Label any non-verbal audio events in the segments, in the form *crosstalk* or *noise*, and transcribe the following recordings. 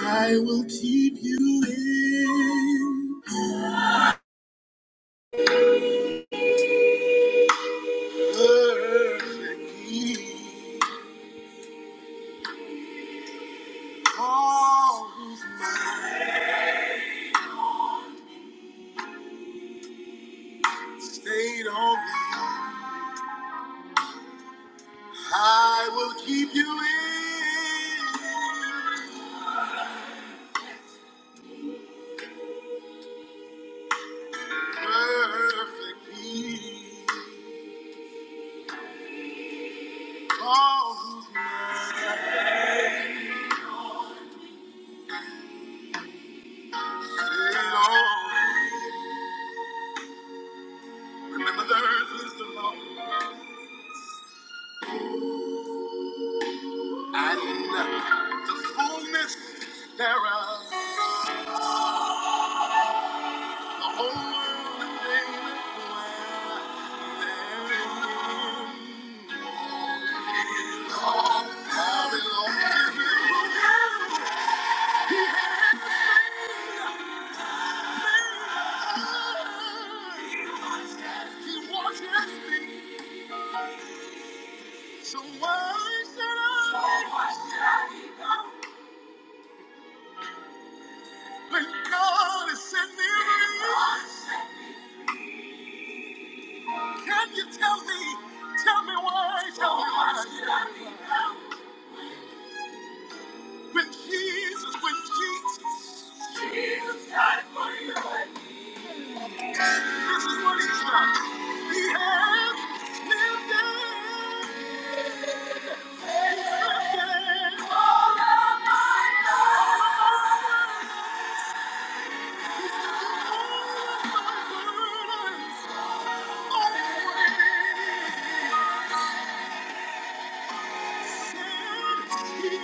I will keep you in perfect peace. Cause my stayed on thee. I will keep you in perfect peace. Cause my stayed on thee. Remember the earth is the Lord and the fullness thereof. So why should I? When God is sending me, can you tell me? Tell me why? Tell me why? When Jesus, when Jesus, Jesus died for you. This is what he's done. He has lifted, lifted all my burdens, away. Said he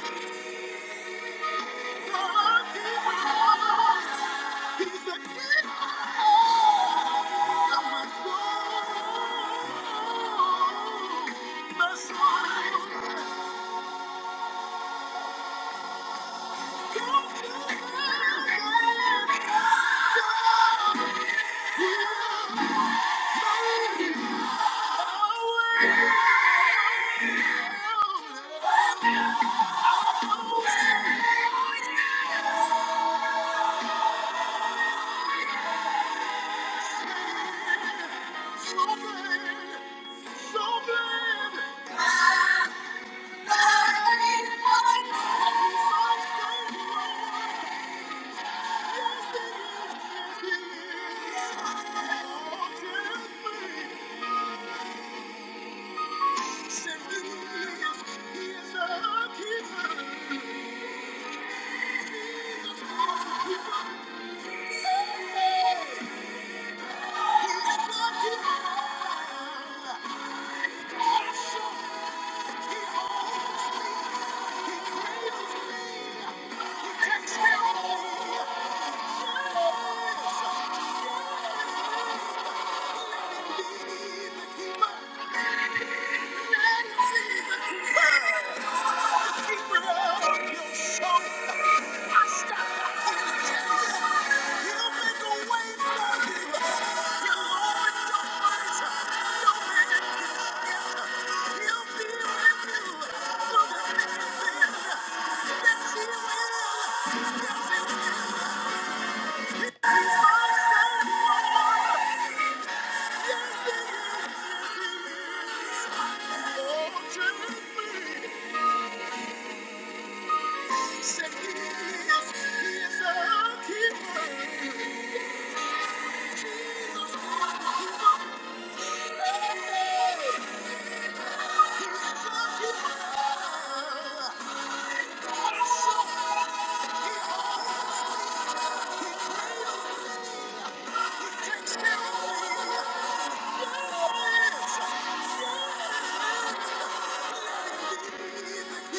is. Thank you. He is a keeper. He is a keeper.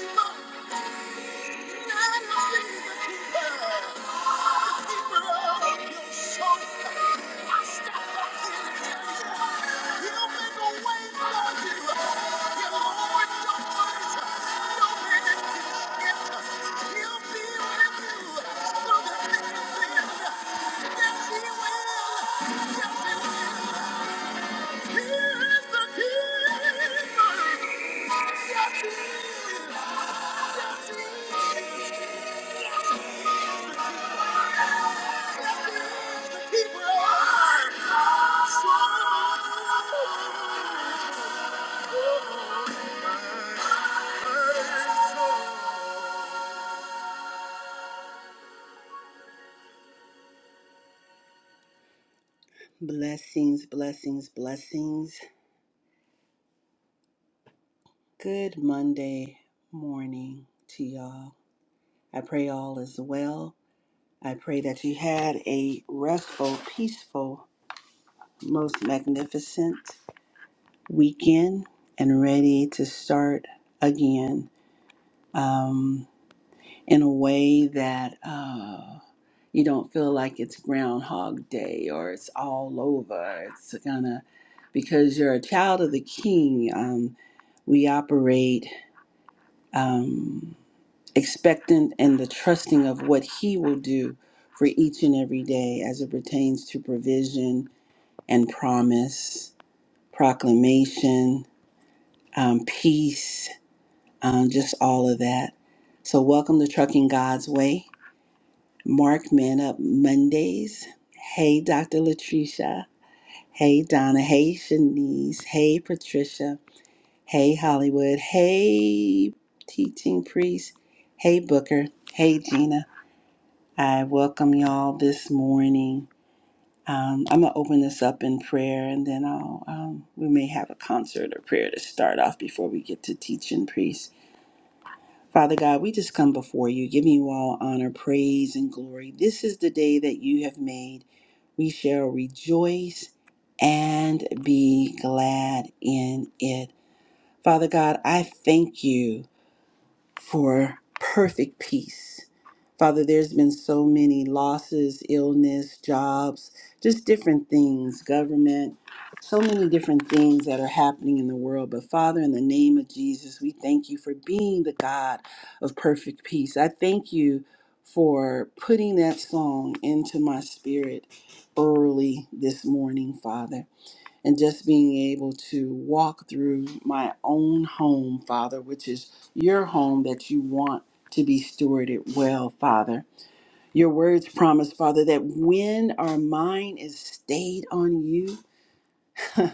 keep up. Yes, he will. Yes, he will. Blessings, blessings, blessings. Good Monday morning to y'all. I pray all is well. I pray that you had a restful, peaceful, most magnificent weekend and ready to start again um, in a way that uh, you don't feel like it's Groundhog Day or it's all over. It's gonna, because you're a child of the King, um, we operate um, expectant and the trusting of what He will do for each and every day as it pertains to provision and promise, proclamation, um, peace um, just all of that. So, welcome to Trucking God's Way. Mark Men Up Mondays. Hey, Dr. Latricia. Hey, Donna. Hey, Shanice. Hey, Patricia. Hey, Hollywood. Hey, Teaching Priest. Hey, Booker. Hey, Gina. I welcome y'all this morning. Um, I'm going to open this up in prayer and then I'll, um, we may have a concert or prayer to start off before we get to teaching priest. Father God, we just come before you, giving you all honor, praise, and glory. This is the day that you have made. We shall rejoice and be glad in it. Father God, I thank you for perfect peace. Father, there's been so many losses, illness, jobs, just different things, government, so many different things that are happening in the world. But Father, in the name of Jesus, we thank you for being the God of perfect peace. I thank you for putting that song into my spirit early this morning, Father and just being able to walk through my own home, Father, which is your home that you want to be stewarded well, Father. Your words promise, Father, that when our mind is stayed on you, *laughs*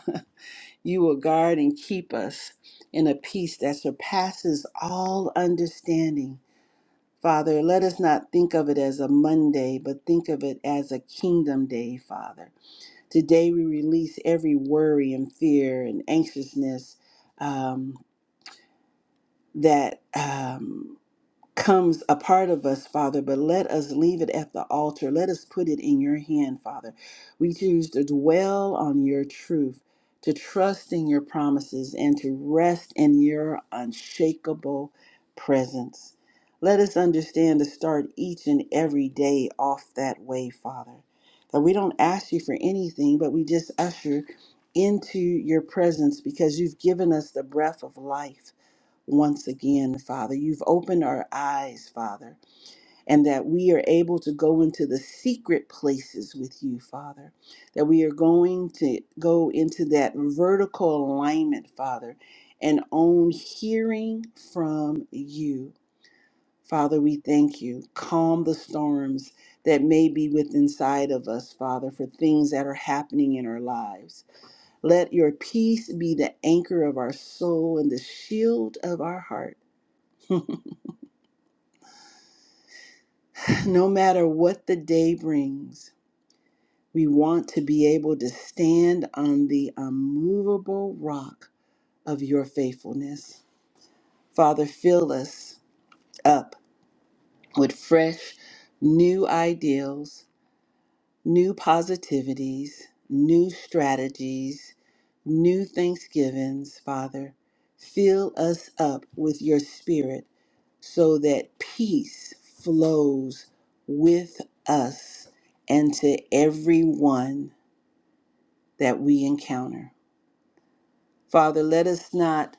you will guard and keep us in a peace that surpasses all understanding. Father, let us not think of it as a Monday, but think of it as a kingdom day, Father Today, we release every worry and fear and anxiousness um, that. Um, comes a part of us, Father, but let us leave it at the altar. Let us put it in your hand, Father. We choose to dwell on your truth, to trust in your promises, and to rest in your unshakable presence. Let us understand to start each and every day off that way, Father. That we don't ask you for anything, but we just usher into your presence because you've given us the breath of life once again, Father. You've opened our eyes, Father, and that we are able to go into the secret places with you, Father. That we are going to go into that vertical alignment, Father, and own hearing from you. Father, we thank you. Calm the storms that may be within inside of us, Father, for things that are happening in our lives. Let your peace be the anchor of our soul and the shield of our heart. *laughs* No matter what the day brings, we want to be able to stand on the unmovable rock of your faithfulness. Father, fill us up with fresh, new ideals, new positivities, new strategies, new thanksgivings, Father. Fill us up with your spirit so that peace flows with us and to everyone that we encounter. Father, let us not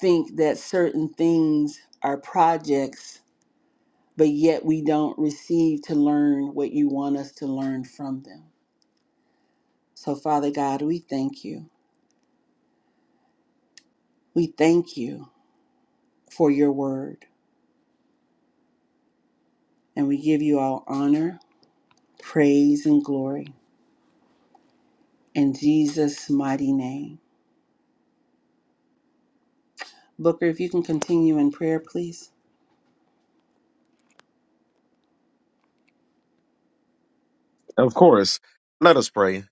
think that certain things are projects, but yet we don't receive to learn what you want us to learn from them. So, Father God, we thank you. We thank you for your word, and we give you all honor, praise, and glory in Jesus' mighty name. Booker, if you can continue in prayer, please. Of course. Let us pray.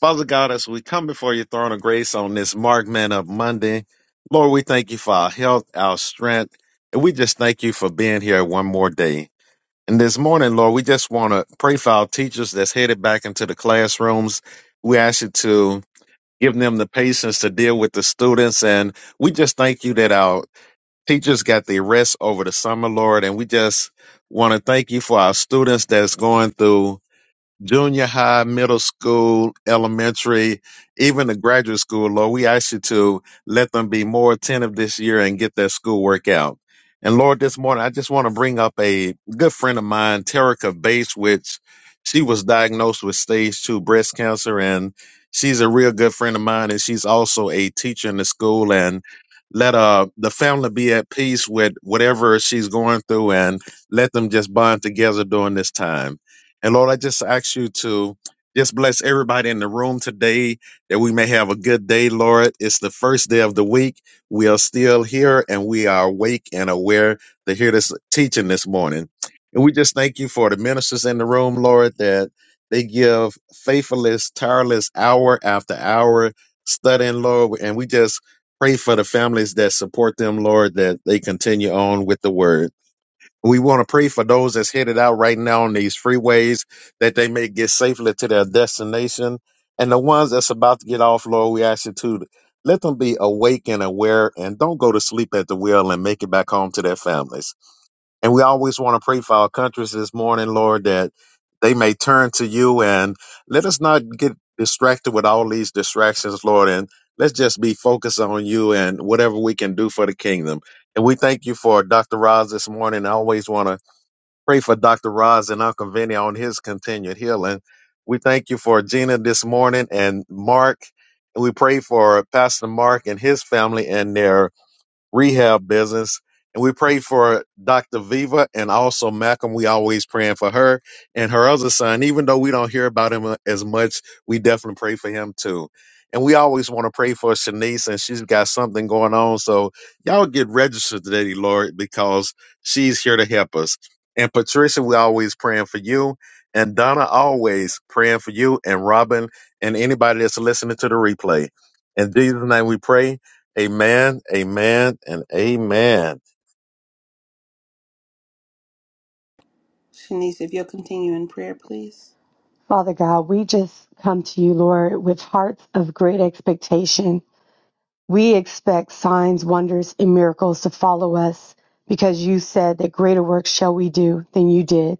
Father God, as we come before your throne of grace on this Mark Man Up Monday, Lord, we thank you for our health, our strength, and we just thank you for being here one more day. And this morning, Lord, we just want to pray for our teachers that's headed back into the classrooms. We ask you to give them the patience to deal with the students. And we just thank you that our teachers got the rest over the summer, Lord. And we just want to thank you for our students that's going through junior high, middle school, elementary, even the graduate school, Lord, we ask you to let them be more attentive this year and get their schoolwork out. And Lord, this morning, I just want to bring up a good friend of mine, Terica Bates, which she was diagnosed with stage two breast cancer. And she's a real good friend of mine. And she's also a teacher in the school. And let uh, the family be at peace with whatever she's going through and let them just bond together during this time. And Lord, I just ask you to just bless everybody in the room today that we may have a good day, Lord. It's the first day of the week. We are still here and we are awake and aware to hear this teaching this morning. And we just thank you for the ministers in the room, Lord, that they give faithfulness, tireless hour after hour studying, Lord. And we just pray for the families that support them, Lord, that they continue on with the word. We want to pray for those that's headed out right now on these freeways that they may get safely to their destination. And the ones that's about to get off, Lord, we ask you to let them be awake and aware and don't go to sleep at the wheel and make it back home to their families. And we always want to pray for our countries this morning, Lord, that they may turn to you and let us not get distracted with all these distractions, Lord, and let's just be focused on you and whatever we can do for the kingdom. And we thank you for Dr. Roz this morning. I always want to Pray for Dr. Roz and Uncle Vinny on his continued healing. We thank you for Gina this morning and Mark. And we pray for Pastor Mark and his family and their rehab business. And we pray for Dr. Viva and also Malcolm. We always praying for her and her other son. Even though we don't hear about him uh, as much, we definitely pray for him too. And we always want to pray for Shanice, and she's got something going on. So y'all get registered today, Lord, because she's here to help us. And Patricia, we always praying for you. And Donna, always praying for you and Robin and anybody that's listening to the replay. In Jesus' name we pray. Amen, amen, and amen. Shanice, if you'll continue in prayer, please. Father God, we just come to you, Lord, with hearts of great expectation. We expect signs, wonders, and miracles to follow us because you said that greater works shall we do than you did.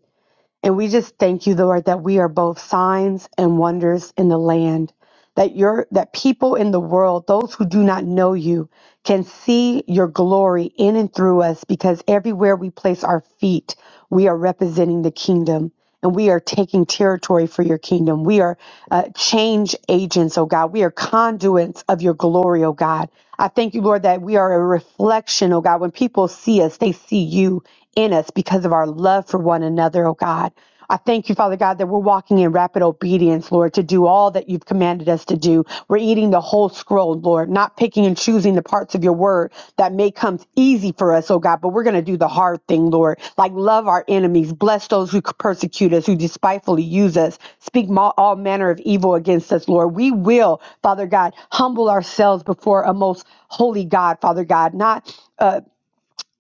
And we just thank you, Lord, that we are both signs and wonders in the land that your that people in the world, those who do not know you, can see your glory in and through us because everywhere we place our feet, we are representing the kingdom and we are taking territory for your kingdom. We are uh, change agents, oh God. We are conduits of your glory, oh God. I thank you, Lord, that we are a reflection, oh God. When people see us, they see you in us because of our love for one another, oh God. I thank you, Father God, that we're walking in rapid obedience, Lord, to do all that you've commanded us to do. We're eating the whole scroll, Lord, not picking and choosing the parts of your word that may come easy for us, oh God, but we're going to do the hard thing, Lord, like love our enemies, bless those who persecute us, who despitefully use us, speak ma- all manner of evil against us, Lord. We will, Father God, humble ourselves before a most holy God, Father God, not. uh,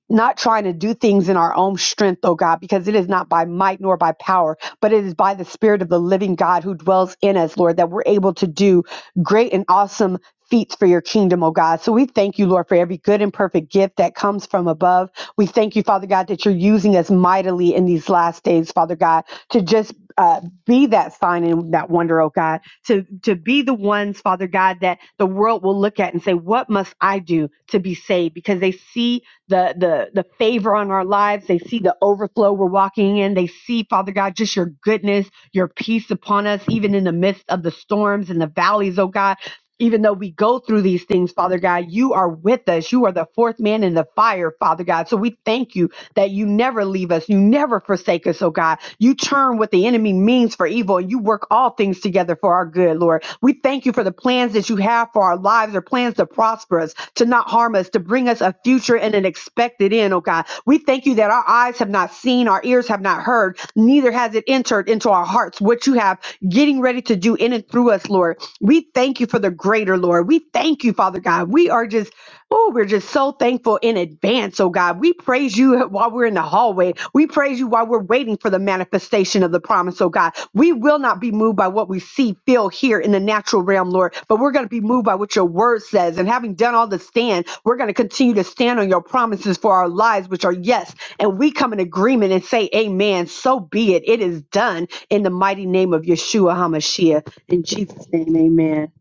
not trying to do things in our own strength, oh God, because it is not by might nor by power, but it is by the Spirit of the living God who dwells in us, Lord, that we're able to do great and awesome feats for your kingdom, oh God. So we thank you, Lord, for every good and perfect gift that comes from above. We thank you, Father God, that you're using us mightily in these last days, Father God, to just uh, be that sign and that wonder, oh God, to to be the ones, Father God, that the world will look at and say, "What must I do to be saved?" Because they see the the the favor on our lives, they see the overflow we're walking in, they see, Father God, just your goodness, your peace upon us, even in the midst of the storms and the valleys, oh God even though we go through these things, Father God, you are with us. You are the fourth man in the fire, Father God. So we thank you that you never leave us. You never forsake us, oh God. You turn what the enemy means for evil and you work all things together for our good, Lord. We thank you for the plans that you have for our lives or plans to prosper us, to not harm us, to bring us a future and an expected end, oh God. We thank you that our eyes have not seen, our ears have not heard, neither has it entered into our heart hearts, what you have getting ready to do in and through us, Lord. We thank you for the greater, Lord. We thank you, Father God. We are just, oh, we're just so thankful in advance, oh God. We praise you while we're in the hallway. We praise you while we're waiting for the manifestation of the promise, oh God. We will not be moved by what we see, feel, hear in the natural realm, Lord, but we're going to be moved by what your word says. And having done all the stand, we're going to continue to stand on your promises for our lives, which are yes. And we come in agreement and say, Amen. So be it. It is done in the mighty name of Yeshua HaMashiach. In Jesus' name, amen.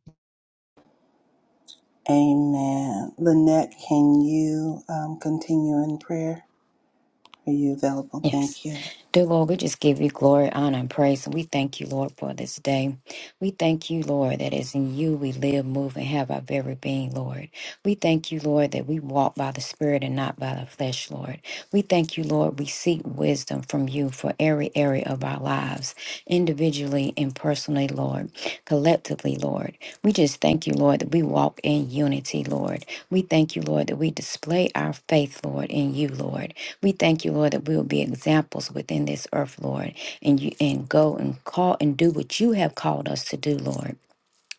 Amen. Lynette, can you um, continue in prayer? Are you available? Yes. Thank you. Dear Lord, we just give you glory, honor, and praise. And we thank you, Lord, for this day. We thank you, Lord, that it's in you we live, move, and have our very being, Lord. We thank you, Lord, that we walk by the Spirit and not by the flesh, Lord. We thank you, Lord, we seek wisdom from you for every area of our lives, individually and personally, Lord, collectively, Lord. We just thank you, Lord, that we walk in unity, Lord. We thank you, Lord, that we display our faith, Lord, in you, Lord. We thank you, Lord, that we will be examples within this earth, Lord, and you and go and call and do what you have called us to do, Lord.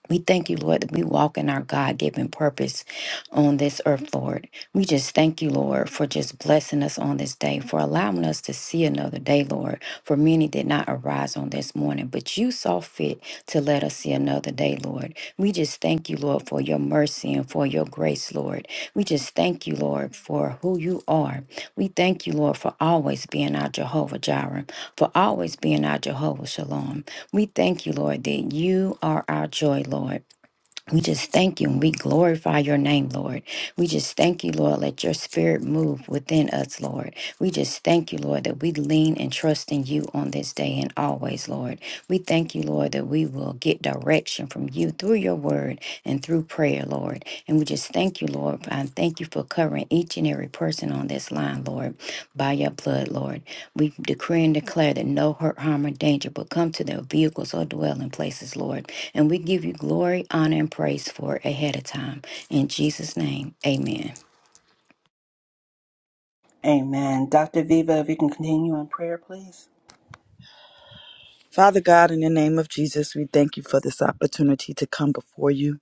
We thank you, Lord, that we walk in our God given purpose on this earth, Lord. We just thank you, Lord, for just blessing us on this day, for allowing us to see another day, Lord. For many did not arise on this morning, but you saw fit to let us see another day, Lord. We just thank you, Lord, for your mercy and for your grace, Lord. We just thank you, Lord, for who you are. We thank you, Lord, for always being our Jehovah Jireh, for always being our Jehovah Shalom. We thank you, Lord, that you are our joy, Lord. We just thank you and we glorify your name, Lord. We just thank you, Lord. Let your spirit move within us, Lord. We just thank you, Lord, that we lean and trust in you on this day and always, Lord. We thank you, Lord, that we will get direction from you through your word and through prayer, Lord. And we just thank you, Lord. And thank you for covering each and every person on this line, Lord, by your blood, Lord. We decree and declare that no hurt, harm, or danger will come to their vehicles or dwelling places, Lord. And we give you glory, honor, and praise for it ahead of time. In Jesus' name, amen. Amen. Dr. Viva, if you can continue in prayer, please. Father God, in the name of Jesus, we thank you for this opportunity to come before you.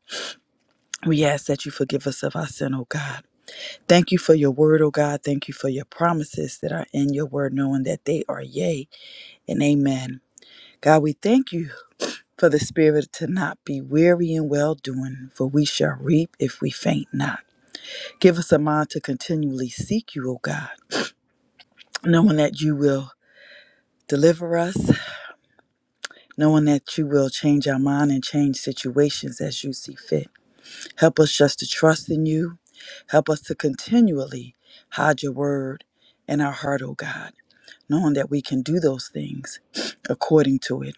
We ask that you forgive us of our sin, O God. Thank you for your word, O God. Thank you for your promises that are in your word, knowing that they are yea and amen. God, we thank you for the spirit to not be weary in well doing, for we shall reap if we faint not. Give us a mind to continually seek you, O God, knowing that you will deliver us, knowing that you will change our mind and change situations as you see fit. Help us just to trust in you. Help us to continually hide your word in our heart, O God, knowing that we can do those things according to it.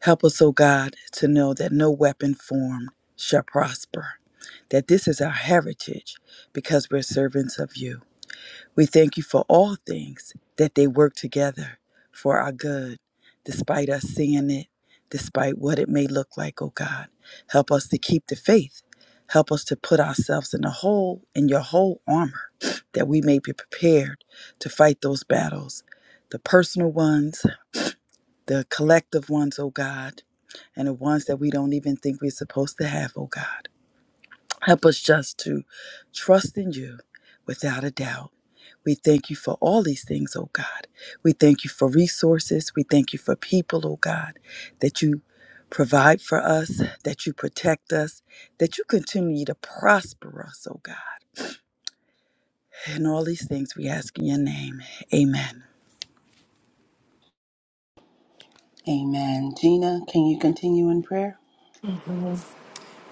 Help us, O God, to know that no weapon formed shall prosper, that this is our heritage because we're servants of you. We thank you for all things that they work together for our good, despite us seeing it, despite what it may look like, oh God. Help us to keep the faith. Help us to put ourselves in the whole, in your whole armor, that we may be prepared to fight those battles, the personal ones, the collective ones, oh God, and the ones that we don't even think we're supposed to have, oh God. Help us just to trust in you without a doubt. We thank you for all these things, oh God. We thank you for resources. We thank you for people, oh God, that you provide for us, that you protect us, that you continue to prosper us, oh God. And all these things we ask in your name. Amen. Amen. Gina, can you continue in prayer?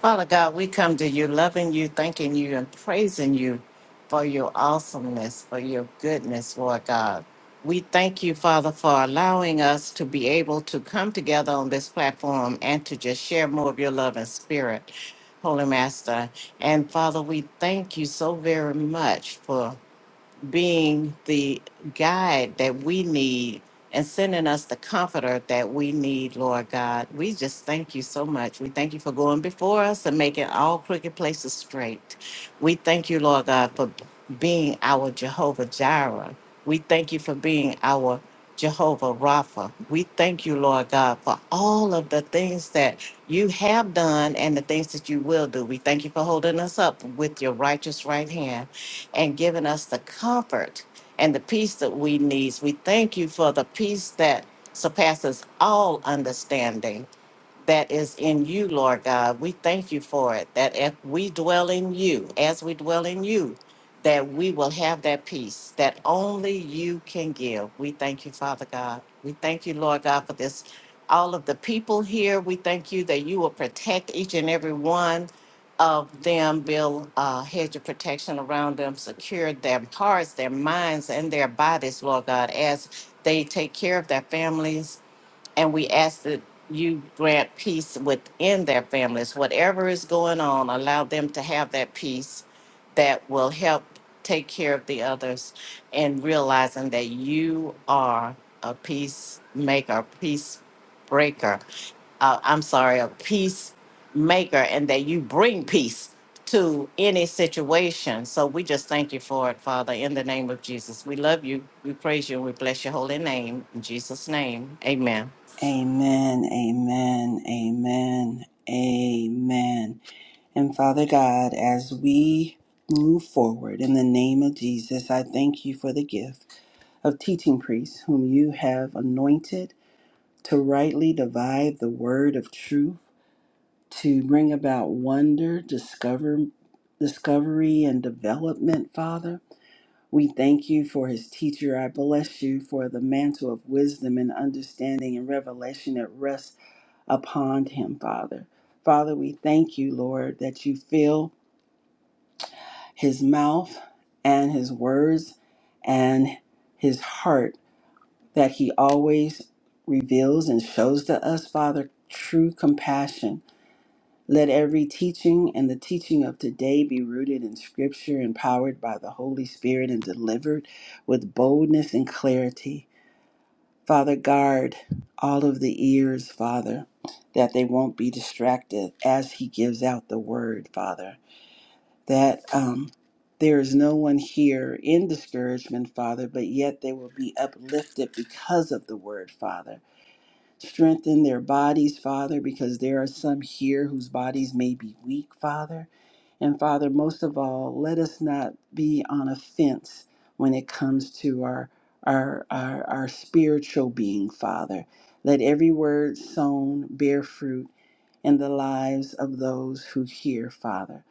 Father God, we come to you loving you, thanking you, and praising you for your awesomeness, for your goodness, Lord God. We thank you, Father, for allowing us to be able to come together on this platform and to just share more of your love and spirit, Holy Master. And Father, we thank you so very much for being the guide that we need and sending us the comforter that we need, Lord God. We just thank you so much. We thank you for going before us and making all crooked places straight. We thank you, Lord God, for being our Jehovah Jireh. We thank you for being our Jehovah Rapha. We thank you, Lord God, for all of the things that you have done and the things that you will do. We thank you for holding us up with your righteous right hand and giving us the comfort and the peace that we need. We thank you for the peace that surpasses all understanding that is in you, Lord God. We thank you for it, that if we dwell in you, as we dwell in you, that we will have that peace that only you can give. We thank you, Father God. We thank you, Lord God, for this. All of the people here, we thank you that you will protect each and every one of them, build a hedge of protection around them, secure their hearts, their minds, and their bodies, Lord God, as they take care of their families and we ask that you grant peace within their families. Whatever is going on, allow them to have that peace that will help take care of the others and realizing that you are a peacemaker, peace breaker. Uh, I'm sorry, a peacemaker, and that you bring peace to any situation. So we just thank you for it, Father, in the name of Jesus. We love you, we praise you, and we bless your holy name. In Jesus' name, amen. Amen, amen, amen, amen. And Father God, as we move forward in the name of Jesus, I thank you for the gift of teaching priests whom you have anointed to rightly divide the word of truth. to bring about wonder, discover, discovery, and development, Father. We thank you for his teacher. I bless you for the mantle of wisdom and understanding and revelation that rests upon him, Father. Father, we thank you, Lord, that you fill his mouth and his words and his heart, that he always reveals and shows to us, Father, true compassion Let every teaching and the teaching of today be rooted in Scripture, empowered by the Holy Spirit, and delivered with boldness and clarity. Father, guard all of the ears, Father, that they won't be distracted as He gives out the word, Father. That um, there is no one here in discouragement, Father, but yet they will be uplifted because of the word, Father. Strengthen their bodies, Father, because there are some here whose bodies may be weak, Father and Father, most of all, let us not be on a fence when it comes to our our our, our spiritual being, Father. Let every word sown bear fruit in the lives of those who hear, Father.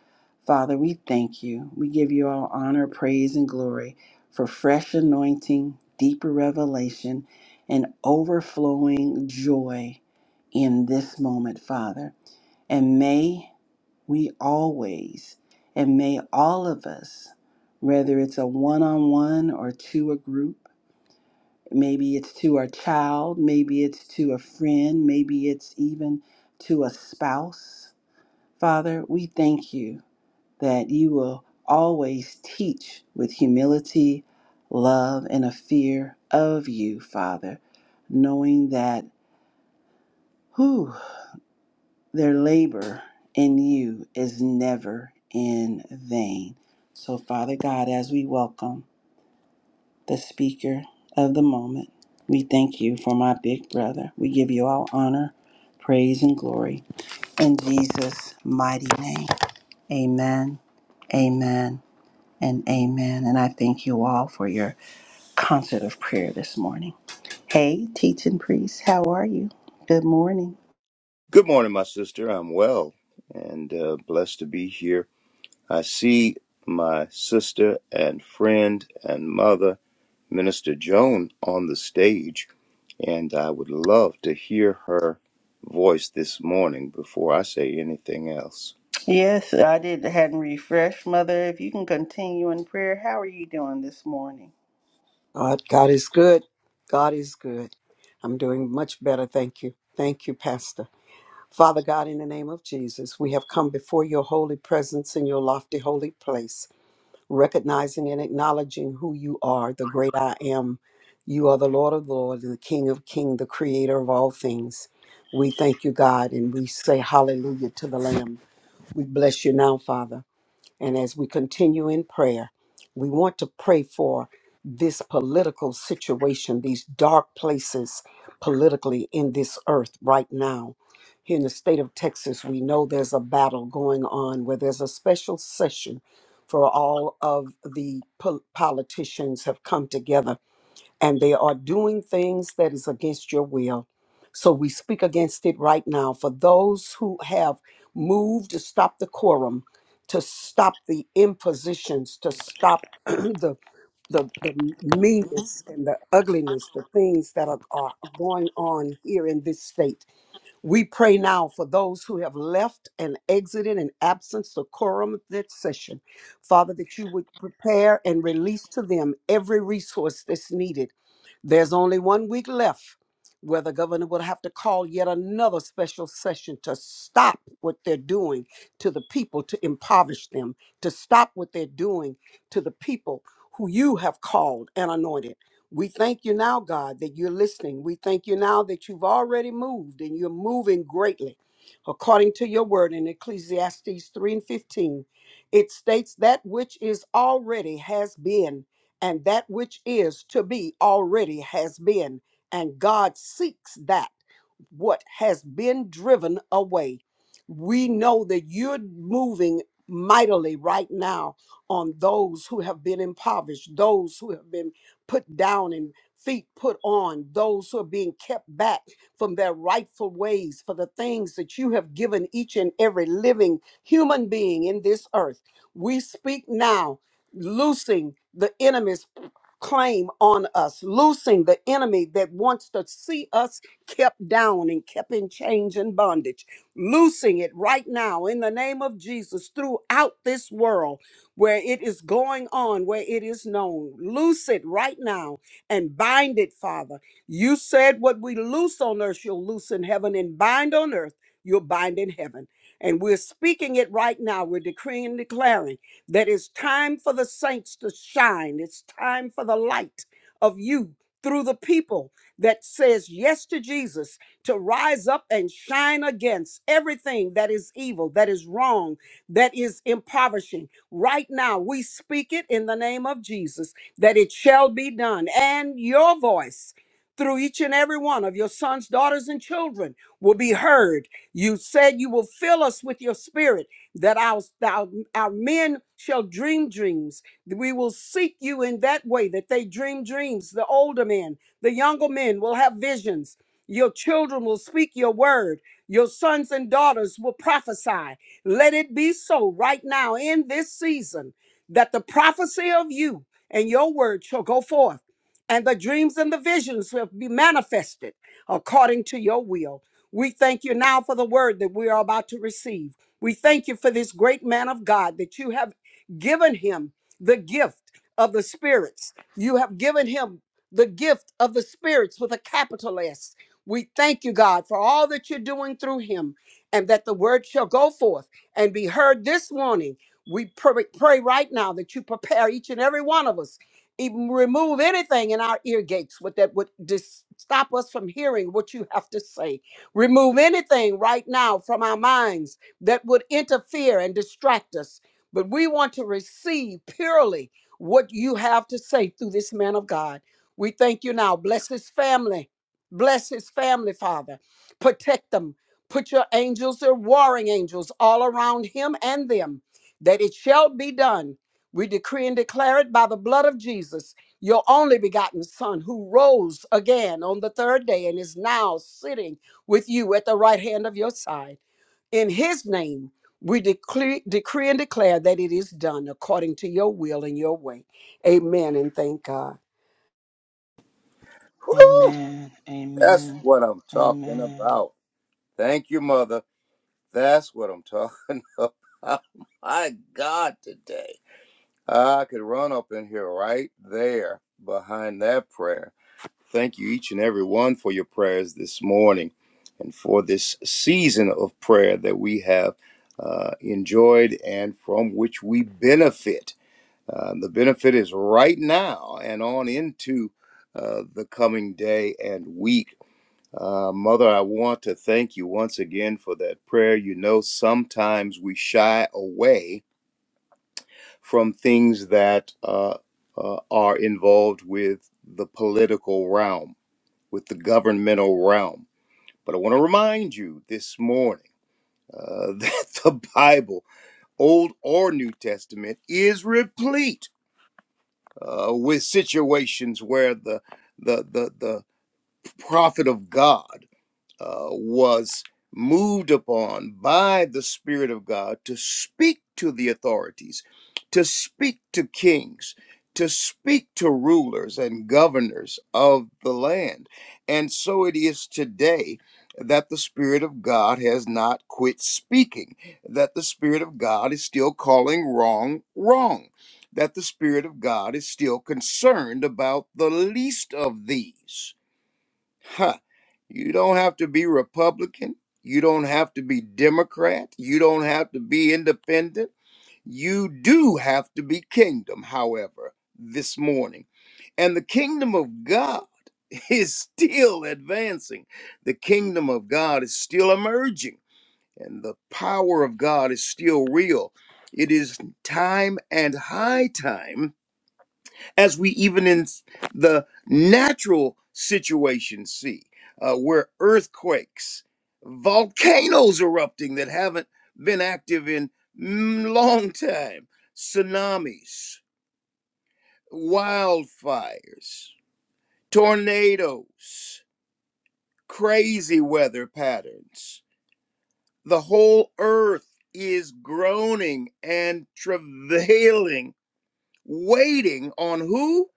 Father, we thank you. We give you all honor, praise, and glory for fresh anointing, deeper revelation, and overflowing joy in this moment, Father. And may we always, and may all of us, whether it's a one on one or to a group, maybe it's to a child, maybe it's to a friend, maybe it's even to a spouse. Father, we thank you that you will always teach with humility, love, and a fear of you, Father, knowing that. whew, Their labor in you is never in vain. So, Father God, as we welcome the speaker of the moment, we thank you for my big brother. We give you all honor, praise, and glory in Jesus' mighty name. Amen, amen, and amen. And I thank you all for your concert of prayer this morning. Hey, teaching priest, how are you? Good morning. Good morning, my sister. I'm well and uh, blessed to be here. I see my sister and friend and mother, Minister Joan, on the stage, and I would love to hear her voice this morning before I say anything else. Yes, I did. Hadn't refreshed, Mother. If you can continue in prayer, how are you doing this morning? God, God is good. God is good. I'm doing much better. Thank you. Thank you, Pastor. Father God, in the name of Jesus, we have come before your holy presence in your lofty holy place, recognizing and acknowledging who you are, the great I am. You are the Lord of Lords, and the King of Kings, the creator of all things. We thank you, God, and we say hallelujah to the Lamb. We bless you now, Father. And as we continue in prayer, we want to pray for this political situation, these dark places politically in this earth right now. Here in the state of Texas, we know there's a battle going on where there's a special session for all of the pol- politicians have come together and they are doing things that is against your will. So we speak against it right now. For those who have moved to stop the quorum, to stop the impositions, to stop *clears throat* the the, the meanness and the ugliness, the things that are, are going on here in this state. We pray now for those who have left and exited in absence the quorum of this session. Father, that you would prepare and release to them every resource that's needed. There's only one week left where the governor will have to call yet another special session to stop what they're doing to the people, to impoverish them, to stop what they're doing to the people who you have called and anointed. We thank you now, God, that you're listening. We thank you now that you've already moved and you're moving greatly. According to your word in Ecclesiastes 3 and 15, it states that which is already has been, and that which is to be already has been. And God seeks that what has been driven away. We know that you're moving mightily right now on those who have been impoverished, those who have been put down and feet put on, those who are being kept back from their rightful ways for the things that you have given each and every living human being in this earth. We speak now, loosing the enemy's claim on us, loosing the enemy that wants to see us kept down and kept in chains and bondage, loosing it right now in the name of Jesus throughout this world where it is going on, where it is known. Loose it right now and bind it, Father. You said what we loose on earth, you'll loose in heaven, and bind on earth, you'll bind in heaven. And we're speaking it right now. We're decreeing and declaring that it's time for the saints to shine. It's time for the light of you through the people that says yes to Jesus to rise up and shine against everything that is evil, that is wrong, that is impoverishing. Right now, we speak it in the name of Jesus that it shall be done. And your voice through each and every one of your sons, daughters, and children will be heard. You said you will fill us with your spirit that our, thou our men shall dream dreams. We will seek you in that way that they dream dreams. The older men, the younger men will have visions. Your children will speak your word. Your sons and daughters will prophesy. Let it be so right now in this season that the prophecy of you and your word shall go forth, and the dreams and the visions will be manifested according to your will. We thank you now for the word that we are about to receive. We thank you for this great man of God that you have given him the gift of the spirits. You have given him the gift of the spirits with a capital S. We thank you, God, for all that you're doing through him and that the word shall go forth and be heard this morning. We pray, pray right now that you prepare each and every one of us. Even remove anything in our ear gates with that would dis- stop us from hearing what you have to say. Remove anything right now from our minds that would interfere and distract us. But we want to receive purely what you have to say through this man of God. We thank you now. Bless his family. Bless his family, Father. Protect them. Put your angels your warring angels all around him and them, that it shall be done. We decree and declare it by the blood of Jesus, your only begotten Son, who rose again on the third day and is now sitting with you at the right hand of your side. In his name, we decree, decree and declare that it is done according to your will and your way. Amen and thank God. Woo! That's what I'm talking about. Thank you, mother. That's what I'm talking *laughs* about. My God, today. I could run up in here right there behind that prayer Thank you, each and every one, for your prayers this morning and for this season of prayer that we have uh, enjoyed and from which we benefit. Uh, the benefit is right now and on into uh, the coming day and week. Uh, Mother, I want to thank you once again for that prayer. You know, sometimes we shy away from things that uh, uh, are involved with the political realm with the governmental realm. But I want to remind you this morning uh, *laughs* that the Bible, Old or New Testament, is replete uh, with situations where the the the the prophet of God uh, was moved upon by the Spirit of God to speak to the authorities, to speak to kings, to speak to rulers and governors of the land. And so it is today that the Spirit of God has not quit speaking, that the Spirit of God is still calling wrong, wrong. That the Spirit of God is still concerned about the least of these Huh. You don't have to be Republican. You don't have to be Democrat. You don't have to be independent. You do have to be kingdom, however, this morning. And the kingdom of God *laughs* is still advancing. The kingdom of God is still emerging. And the power of God is still real. It is time and high time as we even in s- the natural situation see, uh, where earthquakes, volcanoes erupting that haven't been active in mm, long time, tsunamis, wildfires, tornadoes, crazy weather patterns. The whole earth is groaning and travailing waiting on who?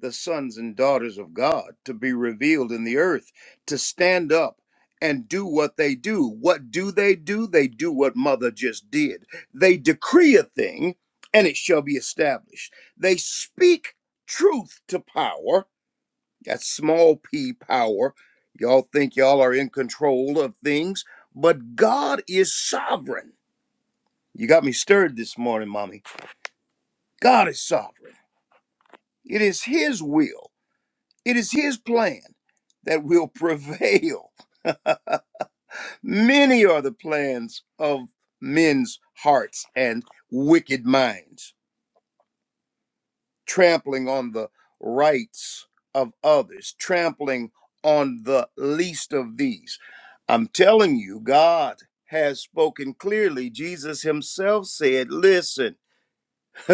The sons and daughters of God to be revealed in the earth, to stand up and do what they do. What do they do? They do what mother just did. They decree a thing and it shall be established. They speak truth to power. That's small p power. Y'all think y'all are in control of things, but God is sovereign. You got me stirred this morning, mommy. God is sovereign. It is His will It is His plan that will prevail. *laughs* Many are the plans of men's hearts and wicked minds, trampling on the rights of others, trampling on the least of these. I'm telling you, God has spoken clearly. Jesus himself said, Listen, *laughs*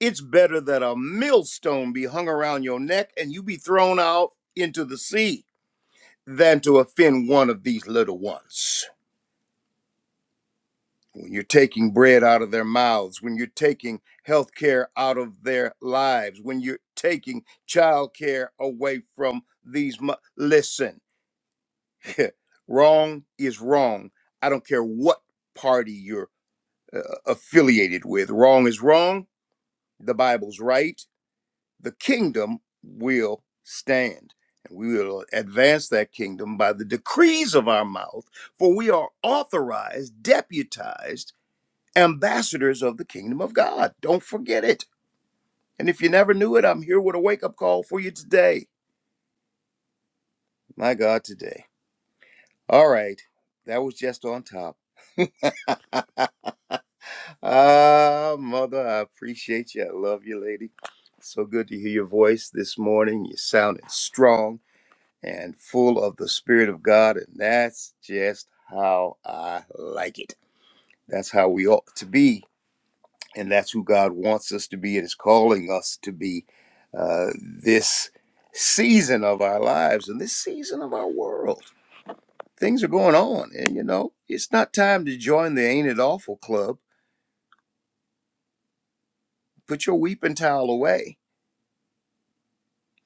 it's better that a millstone be hung around your neck and you be thrown out into the sea than to offend one of these little ones. When you're taking bread out of their mouths, when you're taking health care out of their lives, when you're taking child care away from these, mo- listen, *laughs* wrong is wrong. I don't care what party you're uh, affiliated with. Wrong is wrong. The Bible's right the kingdom will stand. And we will advance that kingdom by the decrees of our mouth, for we are authorized, deputized ambassadors of the kingdom of God. Don't forget it. And if you never knew it, I'm here with a wake up call for you today. My God, today. All right. That was just on top. *laughs* ah, Mother, I appreciate you. I love you, lady. So good to hear your voice this morning. You're sounding strong and full of the Spirit of God. And that's just how I like it. That's how we ought to be. And that's who God wants us to be and is calling us to be uh, this season of our lives and this season of our world. Things are going on. And, you know, it's not time to join the Ain't It Awful Club. Put your weeping towel away.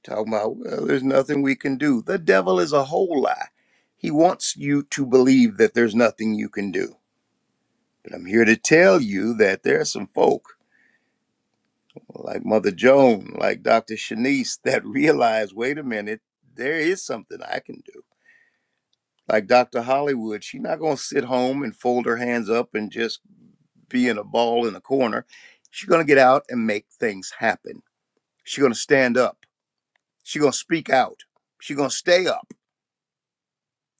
Talking about, well, there's nothing we can do. The devil is a whole lie. He wants you to believe that there's nothing you can do But I'm here to tell you that there are some folk like Mother Joan, like Dr. Shanice, *laughs* that realize, wait a minute, there is something I can do. Like Dr. Hollywood, she's not going to sit home and fold her hands up and just be in a ball in a corner. She's going to get out and make things happen. She's going to stand up. She's going to speak out. She's going to stay up.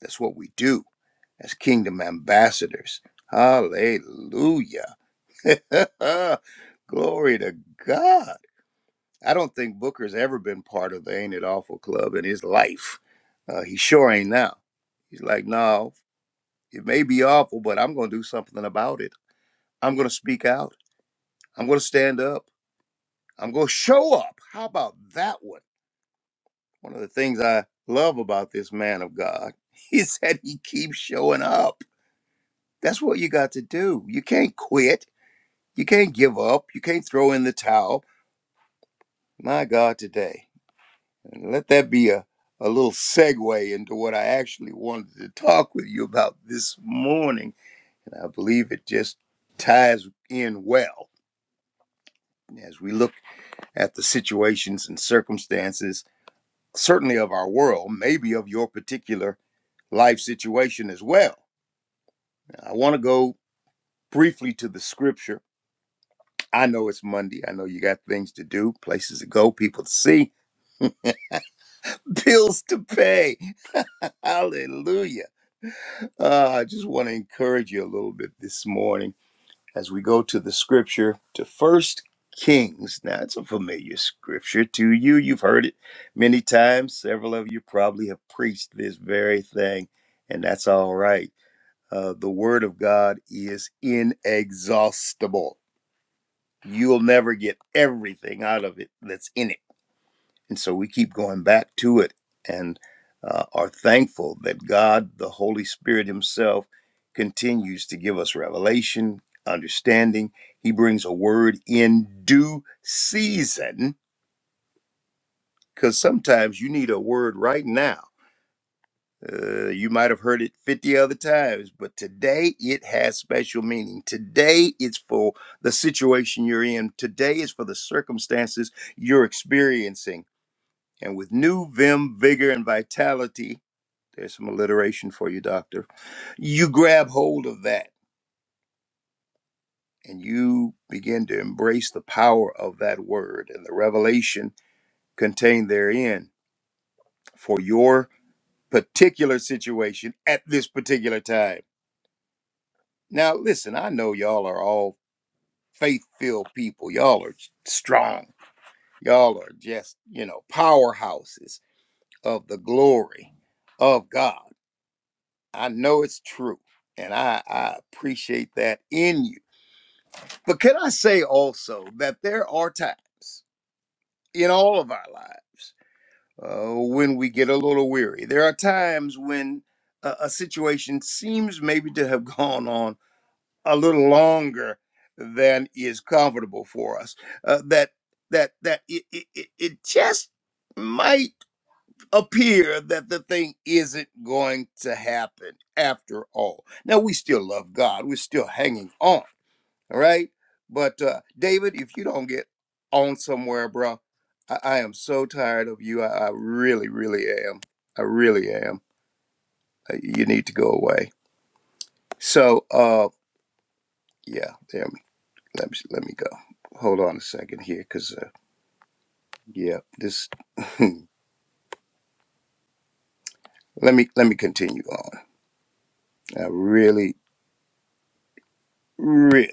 That's what we do as kingdom ambassadors. Hallelujah. *laughs* Glory to God. I don't think Booker's ever been part of the Ain't It Awful Club in his life. Uh, he sure ain't now. He's like, no, it may be awful, but I'm going to do something about it. I'm going to speak out. I'm going to stand up. I'm going to show up. How about that one? One of the things I love about this man of God *laughs* is that he keeps showing up. That's what you got to do. You can't quit. You can't give up. You can't throw in the towel. My God, today. And let that be a, a little segue into what I actually wanted to talk with you about this morning. And I believe it just ties in well as we look at the situations and circumstances, certainly of our world, maybe of your particular life situation as well. I want to go briefly to the scripture. I know it's Monday. I know you got things to do, places to go, people to see. *laughs* bills to pay. *laughs* Hallelujah. Uh, I just want to encourage you a little bit this morning as we go to the scripture to First Kings. Now, it's a familiar scripture to you. You've heard it many times. Several of you probably have preached this very thing, and that's all right. Uh, the word of God is inexhaustible. You'll never get everything out of it that's in it and so we keep going back to it and uh, are thankful that God, the Holy Spirit Himself, continues to give us revelation, understanding. He brings a word in due season because sometimes you need a word right now. Uh, you might have heard it 50 other times, but today it has special meaning. Today it's for the situation you're in. Today is for the circumstances you're experiencing And with new vim, vigor, and vitality, there's some alliteration for you, doctor. You grab hold of that and you begin to embrace the power of that word and the revelation contained therein for your particular situation at this particular time. Now, listen, I know y'all are all faith filled people, y'all are strong, y'all are just, you know, powerhouses of the glory of God. I know it's true. And I, I appreciate that in you. But can I say also that there are times in all of our lives uh, when we get a little weary? There are times when a, a situation seems maybe to have *laughs* gone on a little longer than is comfortable for us. Uh, that that that it, it, it it just might appear that the thing isn't going to happen after all. Now, we still love God, we're still hanging on, all right? But, uh, David, if you don't get on somewhere, bro, I, I am so tired of you. I, I really, really am. I really am. Uh, You need to go away. So, uh, yeah, there me. Let me let me go. Hold on a second here, cause uh, yeah, this. Let me let me continue on. I really, really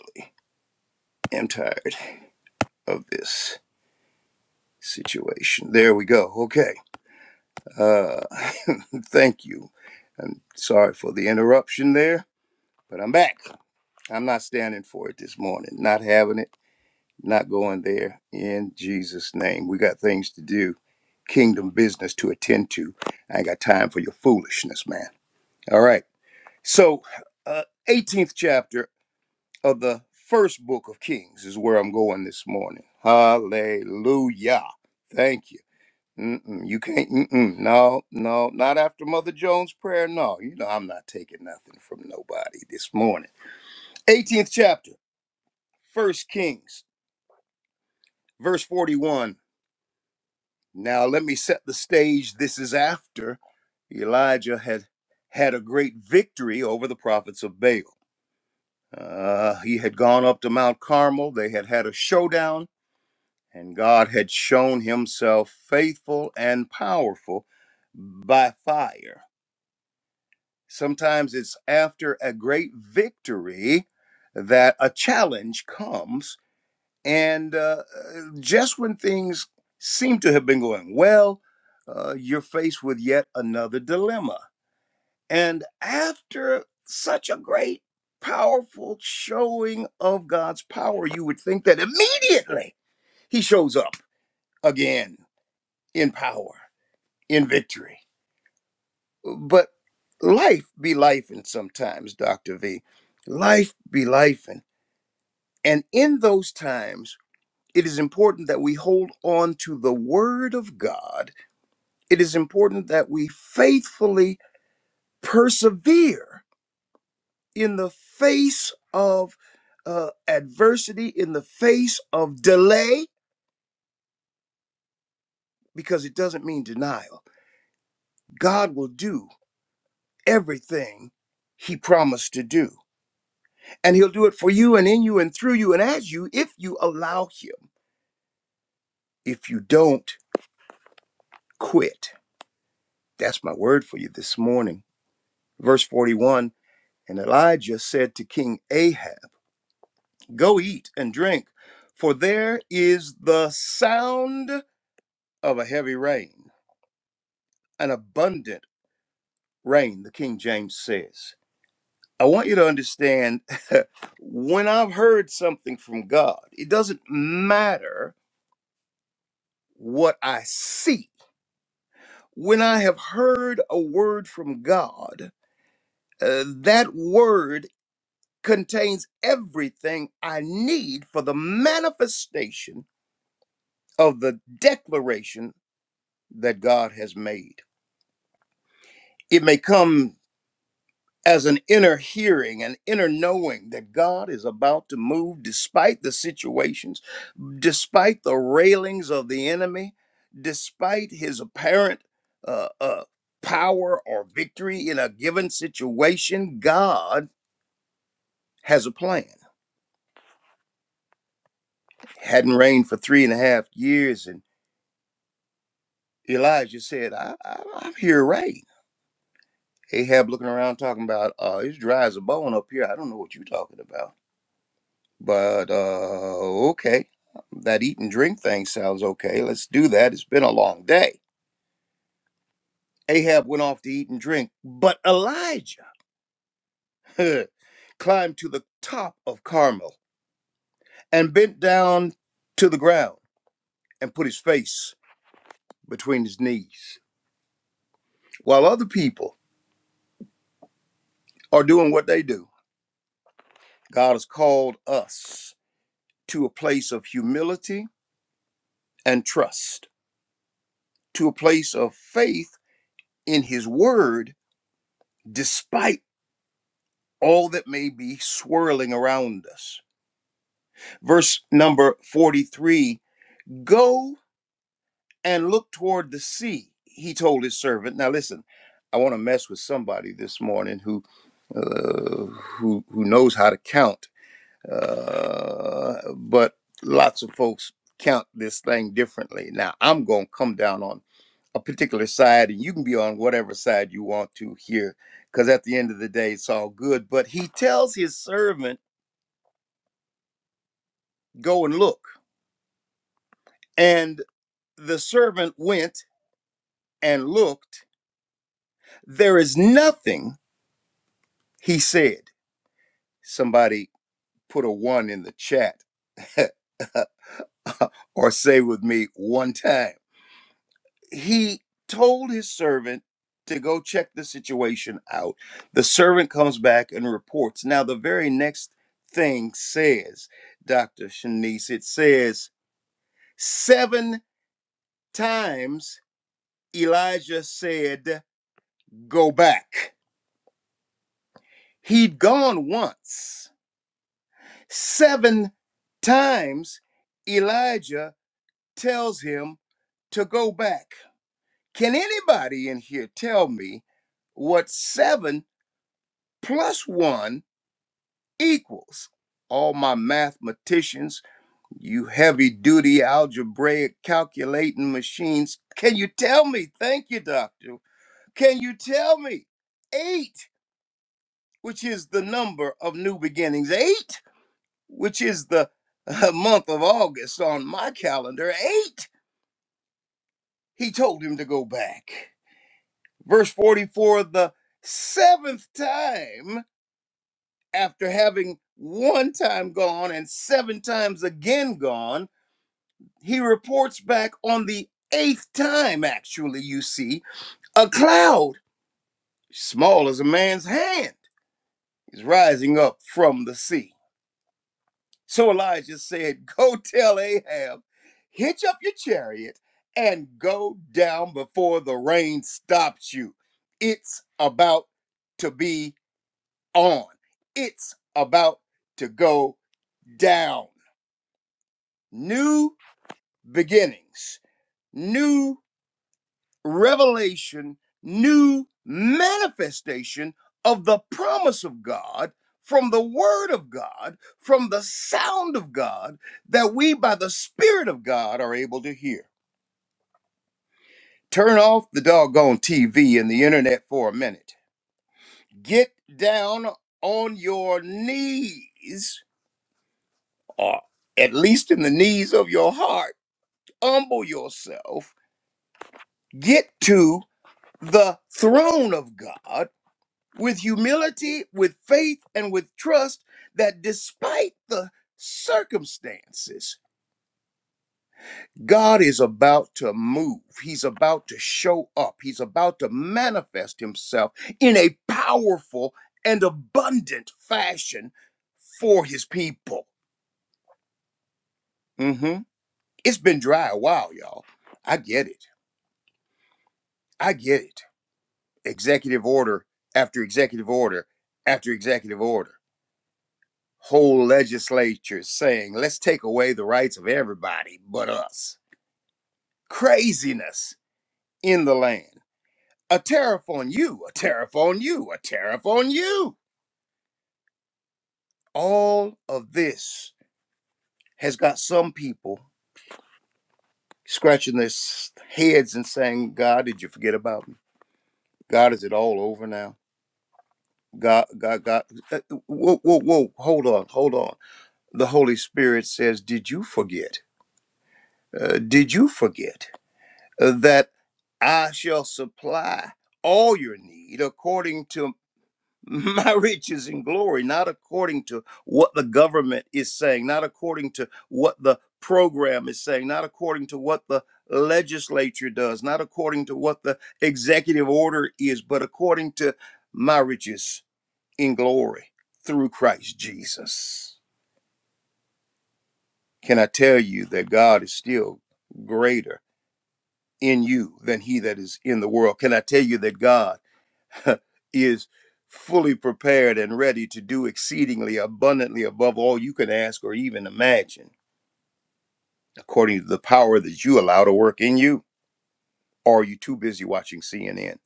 am tired of this. situation. There we go. Okay. Uh, *laughs* thank you. I'm sorry for the interruption there, but I'm back. I'm not standing for it this morning. Not having it, not going there in Jesus' name. We got things to do, kingdom business to attend to. I ain't got time for your foolishness, man. All right. So, uh, 18th chapter of the first book of Kings is where I'm going this morning. Hallelujah. Thank you. Mm-mm, you can't. Mm-mm, no, no, not after Mother Jones' prayer. No, you know I'm not taking nothing from nobody this morning. 18th chapter, First Kings, verse 41. Now let me set the stage. This is after Elijah had had a great victory over the prophets of Baal. Uh, he had gone up to Mount Carmel. They had had a showdown, and God had shown Himself faithful and powerful by fire. Sometimes it's after a great victory that a challenge comes. And uh, just when things seem to have been going well, uh, you're faced with yet another dilemma. And after such a great, powerful showing of God's power, you would think that immediately He shows up again in power, in victory. But life be life and sometimes, Dr. V. Life be life and and in those times it is important that we hold on to the word of God. It is important that we faithfully persevere in the face of uh, adversity, in the face of delay, because it doesn't mean denial. God will do everything he promised to do. And he'll do it for you and in you and through you and as you if you allow him. If you don't quit. That's my word for you this morning. Verse 41 And Elijah said to King Ahab, Go eat and drink, for there is the sound of a heavy rain, an abundant rain, the King James says. I want you to understand *laughs* when I've heard something from God, it doesn't matter what I see when I have heard a word from God, uh, that word contains everything I need for the manifestation of the declaration that God has made. It may come as an inner hearing, an inner knowing that God is about to move despite the situations despite the railings of the enemy, despite his apparent uh, uh, power or victory in a given situation, God has a plan. Hadn't rained for three and a half years, and Elijah said, I, I, I'm here rain. Ahab looking around talking about, uh, it's dry as a bone up here. I don't know what you're talking about. But uh, okay, that eat and drink thing sounds okay. Let's do that. It's been a long day. Ahab went off to eat and drink, but Elijah *laughs* climbed to the top of Carmel and bent down to the ground and put his face between his knees. While other people are doing what they do, God has called us to a place of humility and trust, to a place of faith in his word, despite all that may be swirling around us. Verse number 43 Go and looked toward the sea. He told his servant, "Now listen, I want to mess with somebody this morning who uh, who who knows how to count, uh, but lots of folks count this thing differently. Now I'm gonna come down on a particular side, and you can be on whatever side you want to here, because at the end of the day, it's all good." But he tells his servant, "Go and look," and the servant went and looked. There is nothing, he said. Somebody put a one in the chat *laughs* or say with me one time. He told his servant to go check the situation out. The servant comes back and reports. Now, the very next thing says, Dr. Shanice, it says, seven times Elijah said, Go back. He'd gone once. Seven times Elijah tells him, to go back. Can anybody in here tell me what 7 plus 1 equals? All my mathematicians, you heavy duty algebraic calculating machines, can you tell me? Thank you, doctor. Can you tell me? 8, which is the number of new beginnings, 8, which is the *laughs* uh, month of August on my calendar, 8. He told him to go back. Verse 44 the seventh time, after having one time gone and seven times again gone, he reports back on the eighth time, actually, you see, a cloud, small as a man's hand, is rising up from the sea. So Elijah said, Go tell Ahab, hitch up your chariot and go down before the rain stops you. It's about to be on. It's about to go down. New beginnings, new revelation, new manifestation of the promise of God from the Word of God, from the sound of God that we, by the Spirit of God, are able to hear. Turn off the doggone TV and the internet for a minute. Get down on your knees, or at least in the knees of your heart humble yourself, get to the throne of God with humility, with faith, and with trust that despite the circumstances, God is about to move. He's about to show up. He's about to manifest himself in a powerful and abundant fashion for his people. Mhm. It's been dry a while, y'all. I get it. I get it. executive order after executive order after executive order. Whole legislatures saying, let's take away the rights of everybody but us. Craziness in the land. A tariff on you, a tariff on you, a tariff on you. All of this has got some people scratching their s- heads and saying, God, did you forget about me? God, is it all over now? God, God, God. uh, uh, Whoa, whoa, whoa. Hold on, hold on the Holy Spirit says, Did you forget? Uh, did you forget uh, that I shall supply all your need according to *laughs* my riches and glory, not according to what the government is saying, not according to what the program is saying, not according to what the legislature does, not according to what the executive order is, but according to my riches in glory through Christ Jesus. Can I tell you that God is still greater in you than he that is in the world? Can I tell you that God *laughs* is fully prepared and ready to do exceedingly abundantly above all you can ask or even imagine, according to the power that you allow to work in you? Or are you too busy watching CNN?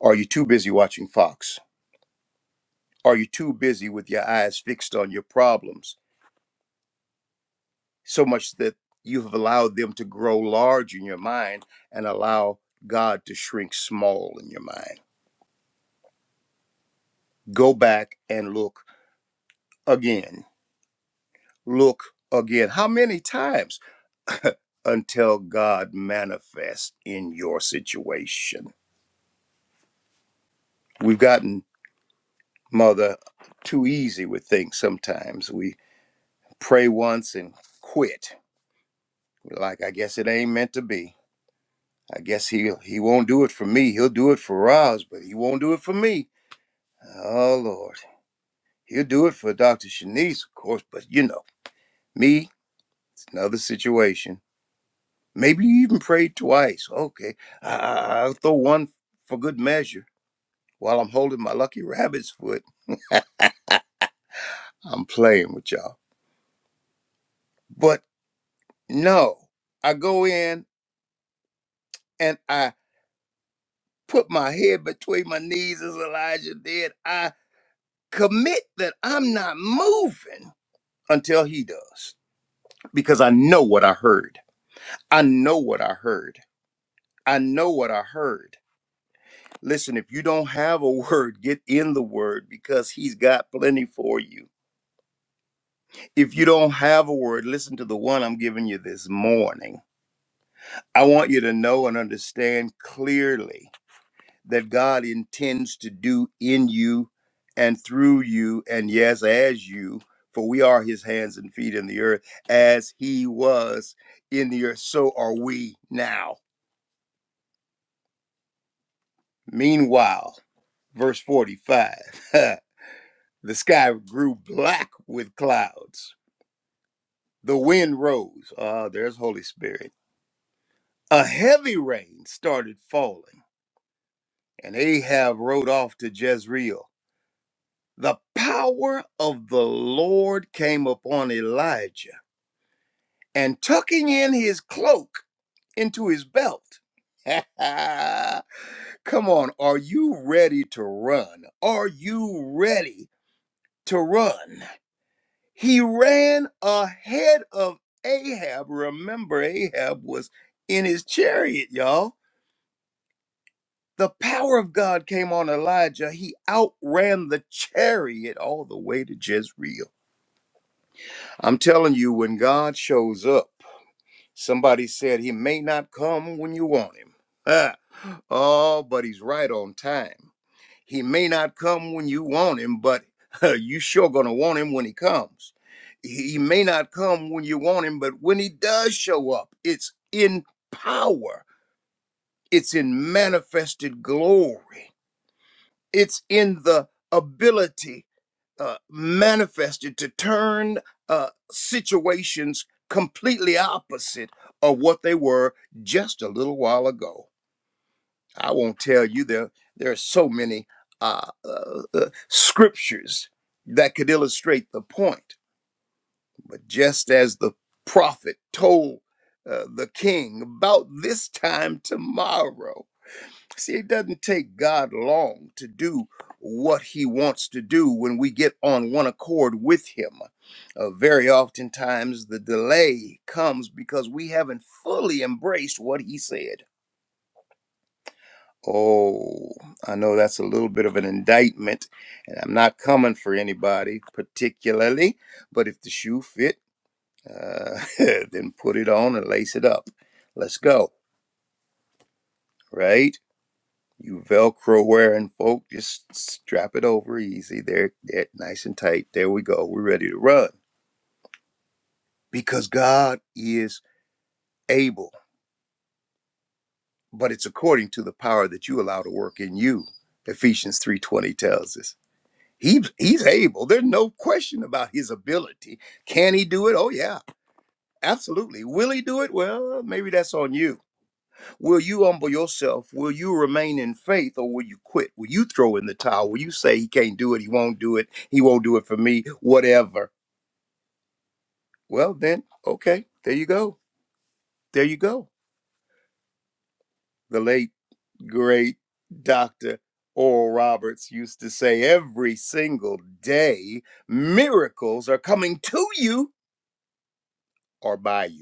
Are you too busy watching Fox? Are you too busy with your eyes fixed on your problems? so much that you have allowed them to grow large in your mind and allow God to shrink small in your mind. Go back and look again. Look again. How many times until God manifests in your situation? We've gotten, Mother, too easy with things sometimes. We pray once and quit. We're like, I guess it ain't meant to be. I guess he he won't do it for me. He'll do it for us, but he won't do it for me. Oh Lord. He'll do it for Dr. Shanice, of course, but you know, me, it's another situation. Maybe you even prayed twice. Okay, I- I- I'll throw one for good measure while I'm holding my lucky rabbit's foot. I'm playing with y'all. But no, I go in and I put my head between my knees as Elijah did. I commit that I'm not moving until he does because I know what I heard. I know what I heard. I know what I heard. Listen, if you don't have a *laughs* word, get in the word because he's got plenty for you. If you don't have a word, listen to the one I'm giving you this morning. I want you to know and understand clearly that God intends to do in you and through you, and yes, as you, for we are his hands and feet in the earth, as he was in the earth, so are we now. Meanwhile, verse 45. *laughs* The sky grew black with clouds. The wind rose. Ah, there's Holy Spirit. A heavy rain started falling, and Ahab rode off to Jezreel. The power of the Lord came upon Elijah, and tucking in his cloak into his belt. *laughs* Come on, are you ready to run? Are you ready to run? He ran ahead of Ahab. Remember, Ahab was in his chariot, y'all. The power of God came on Elijah. He outran the chariot all the way to Jezreel. I'm telling you, when God shows up, somebody said he may not come when you want him. *laughs* Ah, oh, but he's right on time. He may not come when you want him, but *laughs* you sure gonna want him when he comes. He may not come when you want him, but when he does show up, it's in power, it's in manifested glory, it's in the ability uh, manifested to turn uh, situations completely opposite of what they were just a little while ago. I won't tell you there. There are so many uh, uh, uh, scriptures that could illustrate the point. But just as the prophet told uh, the king about this time tomorrow, see, it doesn't take God long to do what He wants to do when we get on one accord with Him. Uh, very oftentimes, the delay comes because we haven't fully embraced what He said. Oh, I know that's a little bit of an indictment, and I'm not coming for anybody particularly, but if the shoe fit, uh, *laughs* then put it on and lace it up. Let's go, right? You Velcro wearing folk, just strap it over easy. There, there, nice and tight. There we go. We're ready to run because God is able, but it's according to the power that you allow to work in you. Ephesians 3:20 tells us. He, he's able. There's no question about his ability. Can he do it? Oh, yeah, absolutely. Will he do it? Well, maybe that's on you. Will you humble yourself? Will you remain in faith or will you quit? Will you throw in the towel? Will you say he can't do it? He won't do it. He won't do it for me, whatever? Well, then, okay, there you go. There you go. The late, great Dr. Oral Roberts used to say every single day miracles are coming to you or by you.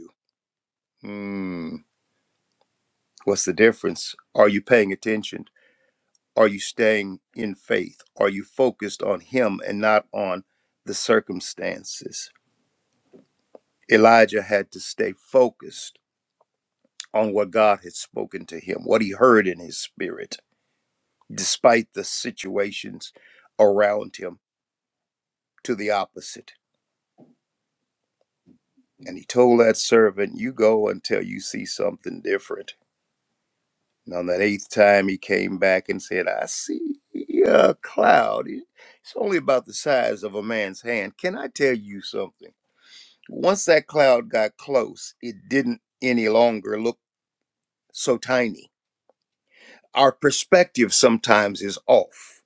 Mm, what's the difference? Are you paying attention? Are you staying in faith? Are you focused on Him and not on the circumstances? Elijah had to stay focused on what God had spoken to him, what he heard in his spirit, despite the situations around him to the opposite. And he told that servant, You go until you see something different. And on that eighth time, he came back and said, I see a cloud. It's only about the size of a man's hand. Can I tell you something? Once that cloud got close, it didn't any longer look so tiny. Our perspective sometimes is off.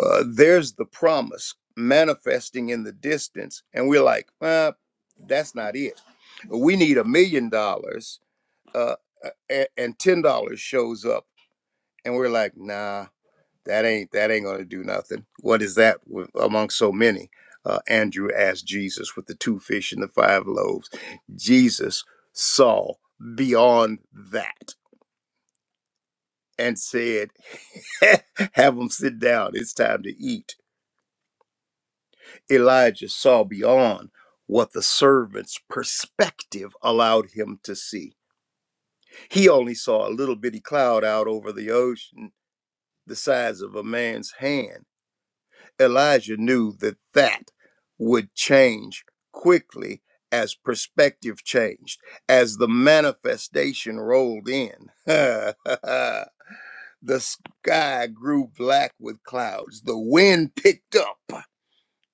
Uh, there's the promise manifesting in the distance, and we're like, uh, that's not it. We need a million dollars, uh, a- and $10 shows up, and we're like, nah that ain't that ain't gonna do nothing. What is that with, among so many? Uh, Andrew asked Jesus with the two fish and the five loaves. Jesus saw beyond that and said, *laughs* "Have them sit down. It's time to eat." Elijah saw beyond what the servant's perspective allowed him to see. He only saw a little bitty cloud out over the ocean, the size of a man's hand Elijah knew that that would change quickly as perspective changed, as the manifestation rolled in. *laughs* the sky grew black with clouds, the wind picked up.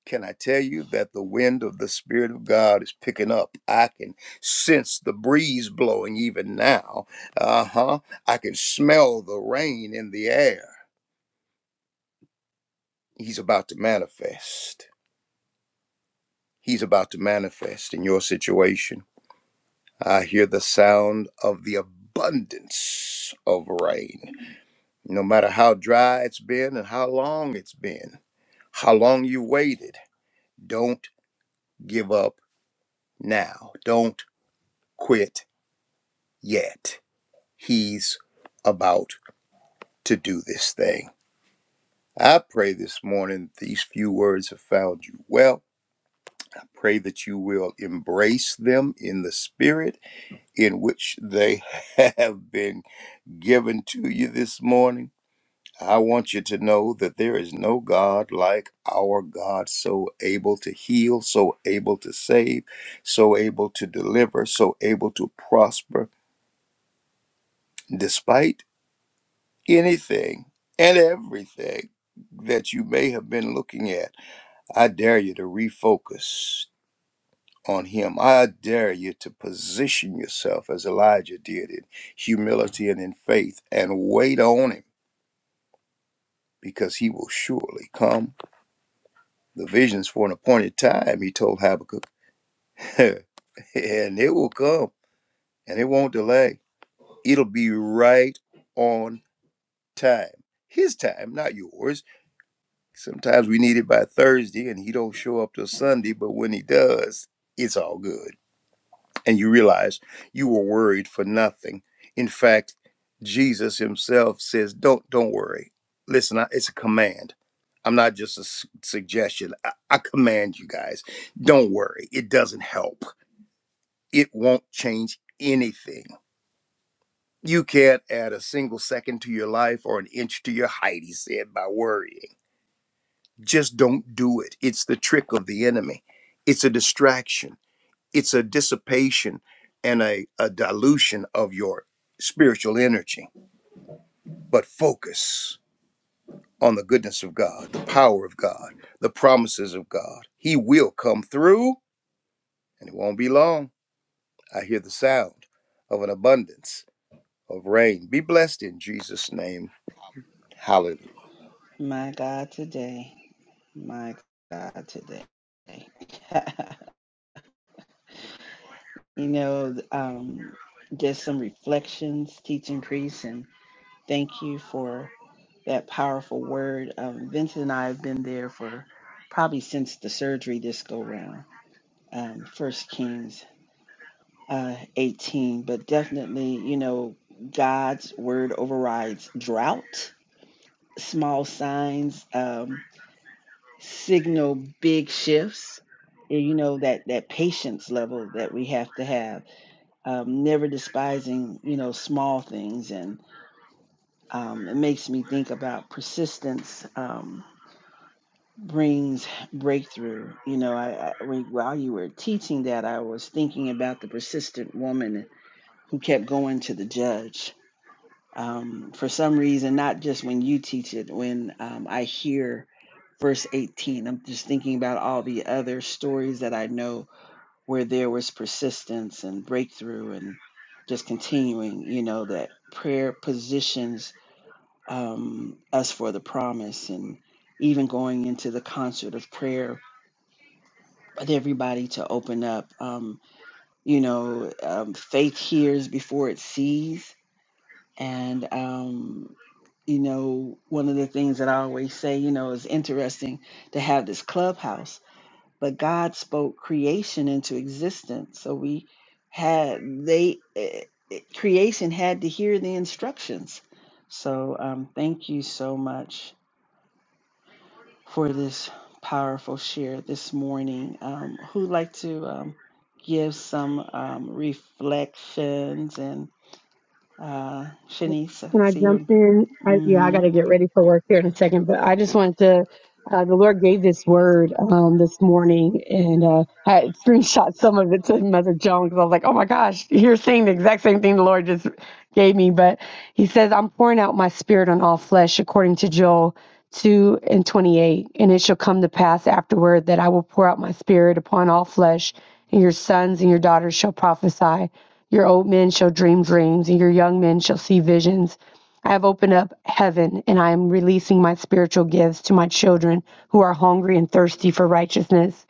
Can I tell you that the wind of the Spirit of God is picking up? I can sense the breeze blowing even now. Uh huh. I can smell the rain in the air. He's about to manifest. He's about to manifest in your situation. I hear the sound of the abundance of rain. No matter how dry it's been and how long it's been, how long you waited, don't give up now. Don't quit yet. He's about to do this thing. I pray this morning these few words have found you well. I pray that you will embrace them in the spirit in which they *laughs* have been given to you this morning, I want you to know that there is no God like our God, so able to heal, so able to save, so able to deliver, so able to prosper, despite anything and everything that you may have been looking at. I dare you to refocus on Him. I dare you to position yourself as Elijah did in humility and in faith and wait on Him because He will surely come The vision's for an appointed time, he told Habakkuk, *laughs* and it will come and it won't delay. It'll be right on time. His time, not yours. Sometimes we need it by Thursday and he don't show up till Sunday, but when he does, it's all good. and you realize you were worried for nothing. In fact, Jesus himself says, "Don't don't worry. Listen, I, it's a command. I'm not just a s- suggestion. I, I command you guys. Don't worry. It doesn't help. It won't change anything. You can't add a single second to your life or an inch to your height," he said, by worrying. Just don't do it. It's the trick of the enemy. It's a distraction it's a dissipation and a, a dilution of your spiritual energy. But focus on the goodness of God, the power of God, the promises of God. He will come through, and it won't be long. I hear the sound of an abundance of rain. Be blessed in Jesus' name. Hallelujah. My God, today. My God, today. *laughs* you know, um, just some reflections, teaching priests, and thank you for that powerful word. Um, Vincent and I have been there for probably since the surgery this go round. Um, First Kings uh, 18, but definitely, you know, God's word overrides drought, small signs, um, signal big shifts. And, You know that that patience level that we have to have, um, never despising you know small things, and um, it makes me think about persistence um, brings breakthrough. You know, I, I while you were teaching that, I was thinking about the persistent woman who kept going to the judge Um, for some reason, not just when you teach it, when um, I hear verse 18, I'm just thinking about all the other stories that I know where there was persistence and breakthrough and just continuing, you know, that prayer positions um, us for the promise and even going into the concert of prayer with everybody to open up. Um, you know, um, faith hears before it sees. And, um, you know, one of the things that I always say, you know, is interesting to have this clubhouse, but God spoke creation into existence. So we had, they, eh, eh, creation had to hear the instructions. So um, thank you so much for this powerful share this morning. Um, who'd like to um, give some um, reflections and uh, Shanice, I Can I see your, jump in? I, yeah, I got mm-hmm. to get ready for work here in a second, but I just wanted to Uh, the Lord gave this word um, this morning, and uh, I had screenshot some of it to Mother Joan because I was like, "Oh my gosh, you're saying the exact same thing the Lord just gave me." But He says, "I'm pouring out my Spirit on all flesh," according to Joel two and twenty eight, and it shall come to pass afterward that I will pour out my Spirit upon all flesh, and your sons and your daughters shall prophesy, your old men shall dream dreams, and your young men shall see visions. I have opened up heaven and I am releasing my spiritual gifts to my children who are hungry and thirsty for righteousness.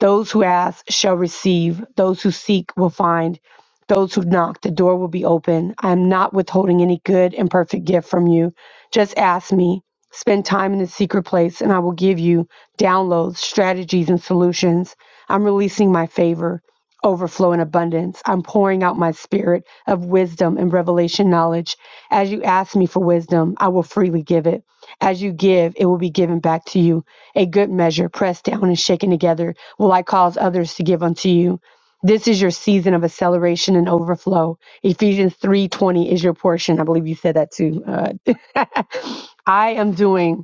Those who ask shall receive, those who seek will find, those who knock, the door will be open. I am not withholding any good and perfect gift from you. Just ask me. Spend time in the secret place, and I will give you downloads, strategies, and solutions. I'm releasing my favor overflow and abundance. I'm pouring out my spirit of wisdom and revelation knowledge. As you ask me for wisdom, I will freely give it. As you give, it will be given back to you. A good measure, pressed down and shaken together, will I cause others to give unto you. This is your season of acceleration and overflow. Ephesians 3:20 is your portion. I believe you said that too. Uh, *laughs* I am doing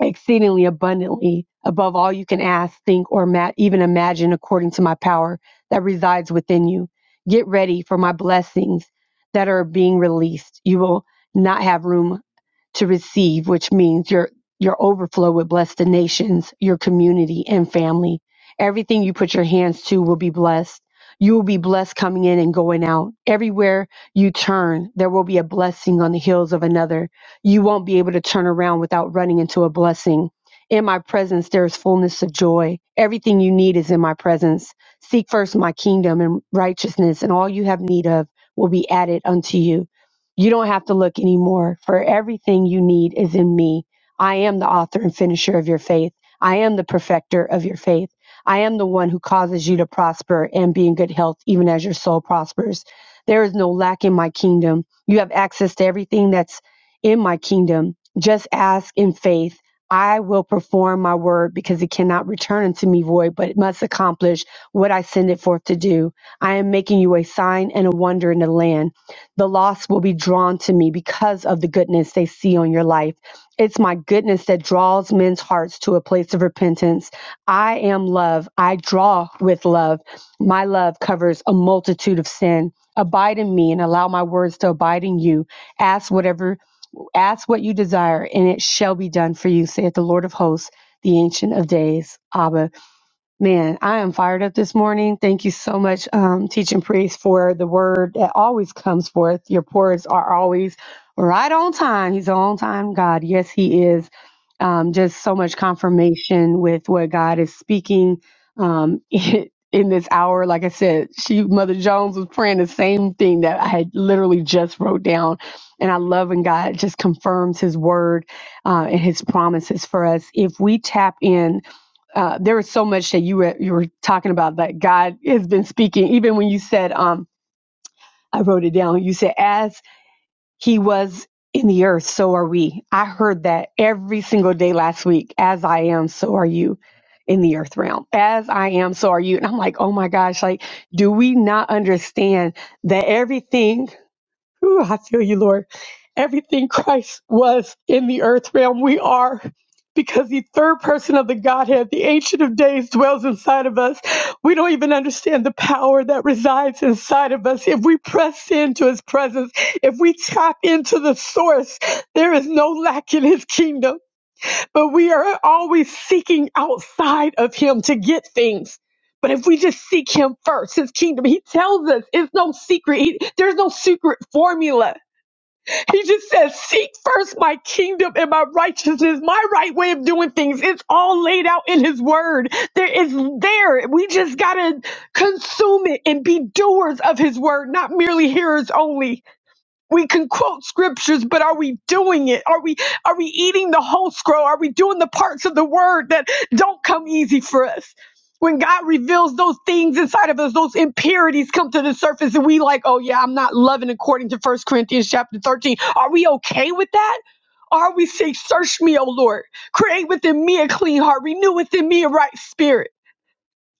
exceedingly abundantly above all you can ask, think, or ma- even imagine, according to my power that resides within you. Get ready for my blessings that are being released. You will not have room to receive, which means your your overflow would bless the nations, your community and family. Everything you put your hands to will be blessed. You will be blessed coming in and going out. Everywhere you turn, there will be a blessing on the heels of another. You won't be able to turn around without running into a blessing. In my presence, there is fullness of joy. Everything you need is in my presence. Seek first my kingdom and righteousness, and all you have need of will be added unto you. You don't have to look anymore, for everything you need is in me. I am the author and finisher of your faith. I am the perfecter of your faith. I am the one who causes you to prosper and be in good health, even as your soul prospers. There is no lack in my kingdom. You have access to everything that's in my kingdom. Just ask in faith. I will perform my word because it cannot return unto me void, but it must accomplish what I send it forth to do. I am making you a sign and a wonder in the land the lost will be drawn to me because of the goodness they see on your life. It's my goodness that draws men's hearts to a place of repentance. I am love. I draw with love. My love covers a multitude of sin. Abide in me and allow my words to abide in you. Ask whatever, ask what you desire, and it shall be done for you, saith the Lord of hosts, the Ancient of Days. Abba. Man, I am fired up this morning. Thank you so much, um, teaching priest, for the word that always comes forth. Your words are always right on time. He's an on time God. Yes, He is. Um, just so much confirmation with what God is speaking um, *laughs* in this hour. Like I said, she, Mother Jones, was praying the same thing that I had literally just wrote down. And I love when God just confirms His word uh, and His promises for us. If we tap in, uh, there was so much that you were you were talking about that God has been speaking. Even when you said, um, I wrote it down. You said, "As He was in the earth, so are we." I heard that every single day last week. As I am, so are you in the earth realm. As I am, so are you. And I'm like, oh my gosh, like, do we not understand that everything? Ooh, I feel you, Lord. Everything *laughs* Christ was in the earth realm, we are. Because the third person of the Godhead, the Ancient of Days, dwells inside of us. We don't even understand the power that resides inside of us. If we press into his presence, if we tap into the source, there is no lack in his kingdom. But we are always seeking outside of him to get things. But if we just seek him first, his kingdom, he tells us it's no secret. He, there's no secret formula he just says, Seek first my kingdom and my righteousness, my right way of doing things. It's all laid out in His word. There is there. We just got to consume it and be doers of His word, not merely hearers only we can quote scriptures but are we doing it are we are we eating the whole scroll are we doing the parts of the word that don't come easy for us when god reveals those things inside of us those impurities come to the surface and we like oh yeah i'm not loving according to First corinthians chapter 13 are we okay with that or are we saying, search me o lord create within me a clean heart renew within me a right spirit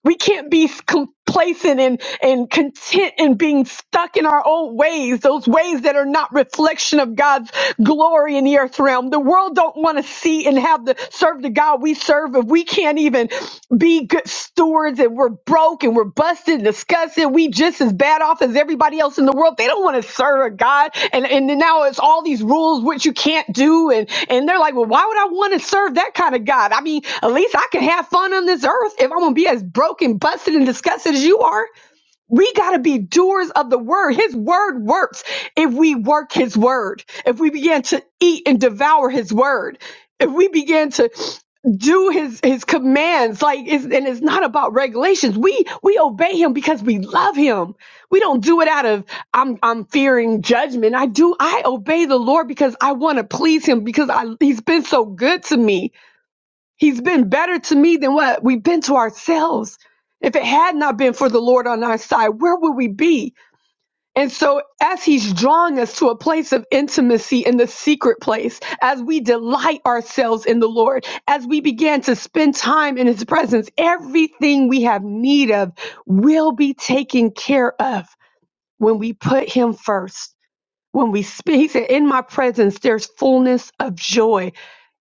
we can't be complacent and, and content in being stuck in our old ways, those ways that are not reflection of God's glory in the earth realm. The world don't want to see and have the serve the God we serve if we can't even be good stewards and we're broke broken, we're busted, disgusted. We just as bad off as everybody else in the world. They don't want to serve a God. And and then now it's all these rules which you can't do. And and they're like, well, why would I want to serve that kind of God? I mean, at least I can have fun on this earth if I'm gonna be as broken, busted, and disgusted as you are. We got to be doers of the word. His word works if we work his word, if we begin to eat and devour his word, if we begin to do his his commands like it's, and it's not about regulations we we obey him because we love him we don't do it out of i'm i'm fearing judgment i do i obey the lord because i want to please him because i he's been so good to me He's been better to me than what we've been to ourselves. If it had not been for the Lord on our side, where would we be? And so, as He's drawing us to a place of intimacy in the secret place, as we delight ourselves in the Lord, as we begin to spend time in His presence, everything we have need of will be taken care of when we put Him first. When we speak, He said, In my presence, there's fullness of joy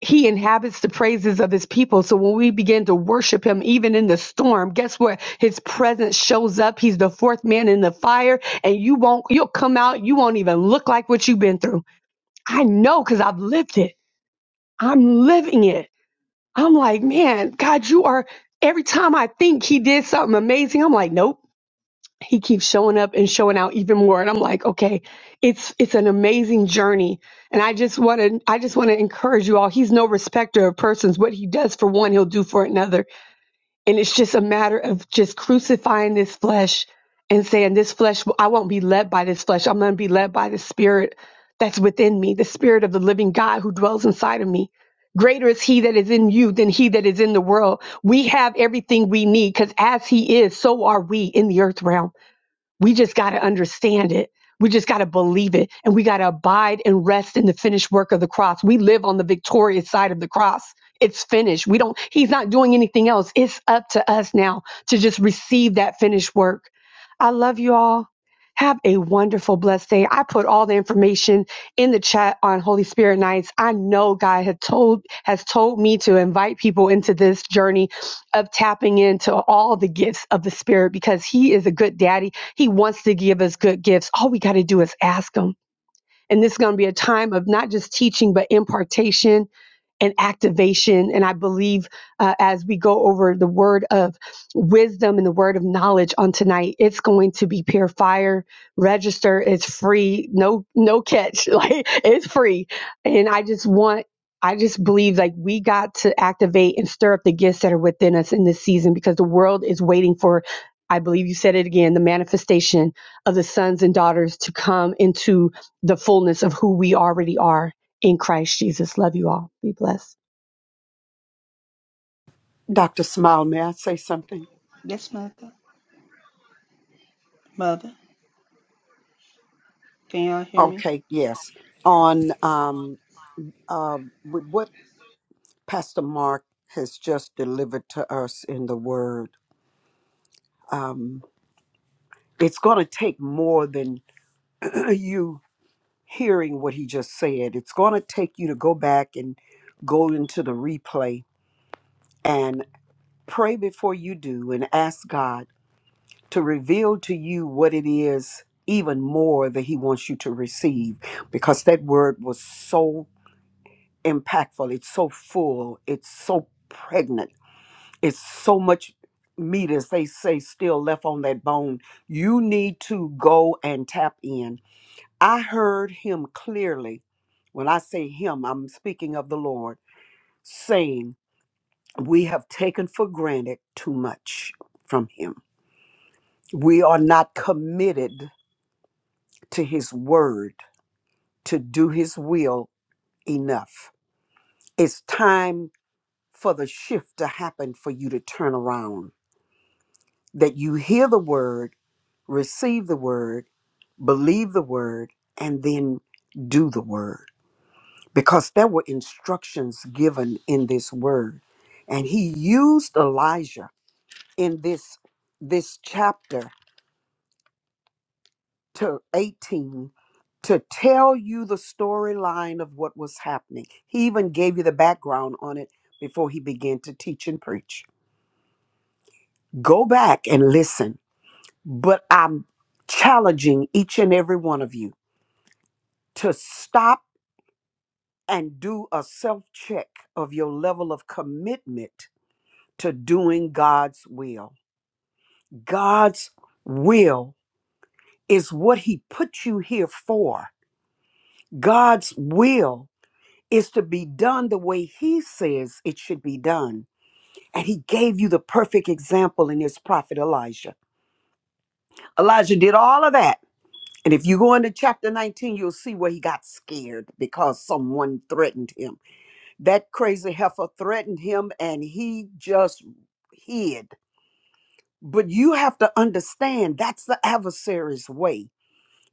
he inhabits the praises of his people. So when we begin to worship him, even in the storm, guess what? His presence shows up. He's the fourth man in the fire and you won't, you'll come out. You won't even look like what you've been through. I know because I've lived it. I'm living it. I'm like, man, God, you are, every time I think he did something amazing, I'm like, nope he keeps showing up and showing out even more and i'm like okay it's it's an amazing journey and i just want to i just want to encourage you all he's no respecter of persons what he does for one he'll do for another and it's just a matter of just crucifying this flesh and saying this flesh i won't be led by this flesh i'm going to be led by the spirit that's within me the spirit of the living god who dwells inside of me greater is he that is in you than he that is in the world we have everything we need because as he is so are we in the earth realm we just got to understand it. We just got to believe it. And we got to abide and rest in the finished work of the cross. We live on the victorious side of the cross. It's finished. We don't, he's not doing anything else. It's up to us now to just receive that finished work. I love you all. Have a wonderful, blessed day. I put all the information in the chat on Holy Spirit nights. I know God had told has told me to invite people into this journey of tapping into all the gifts of the Spirit because He is a good daddy he wants to give us good gifts. All we got to do is ask Him. And this is going to be a time of not just teaching, but impartation and activation. And I believe uh, as we go over the word of wisdom and the word of knowledge on tonight, it's going to be pure fire. Register. It's free. No, no catch. *laughs* Like it's free. And I just want. I just believe like we got to activate and stir up the gifts that are within us in this season because the world is waiting for, I believe you said it again, the manifestation of the sons and daughters to come into the fullness of who we already are in Christ Jesus. Love you all. Be blessed. Dr. Smile, may I say something? yes, mother, mother. Can y'all hear me? Okay, yes. On um, uh, with what Pastor Mark has just delivered to us in the Word, um, it's going to take more than *clears throat* you hearing what he just said. It's going to take you to go back and go into the replay and pray before you do and ask God to reveal to you what it is even more that he wants you to receive because that word was so impactful it's so full it's so pregnant it's so much meat as they say still left on that bone you need to go and tap in i heard him clearly when i say him i'm speaking of the lord saying we have taken for granted too much from him we are not committed to his word to do his will enough. It's time for the shift to happen for you to turn around. That you hear the word, receive the word, believe the word, and then do the word. Because there were instructions given in this word. And he used Elijah in this this chapter to 18 to tell you the storyline of what was happening. He even gave you the background on it before he began to teach and preach. Go back and listen. But I'm challenging each and every one of you to stop and do a self check of your level of commitment to doing God's will. God's will is what he put you here for. God's will is to be done the way he says it should be done. And he gave you the perfect example in his prophet Elijah. Elijah did all of that. And if you go into chapter 19, you'll see where he got scared because someone threatened him. That crazy heifer threatened him and he just hid. But you have to understand that's the adversary's way.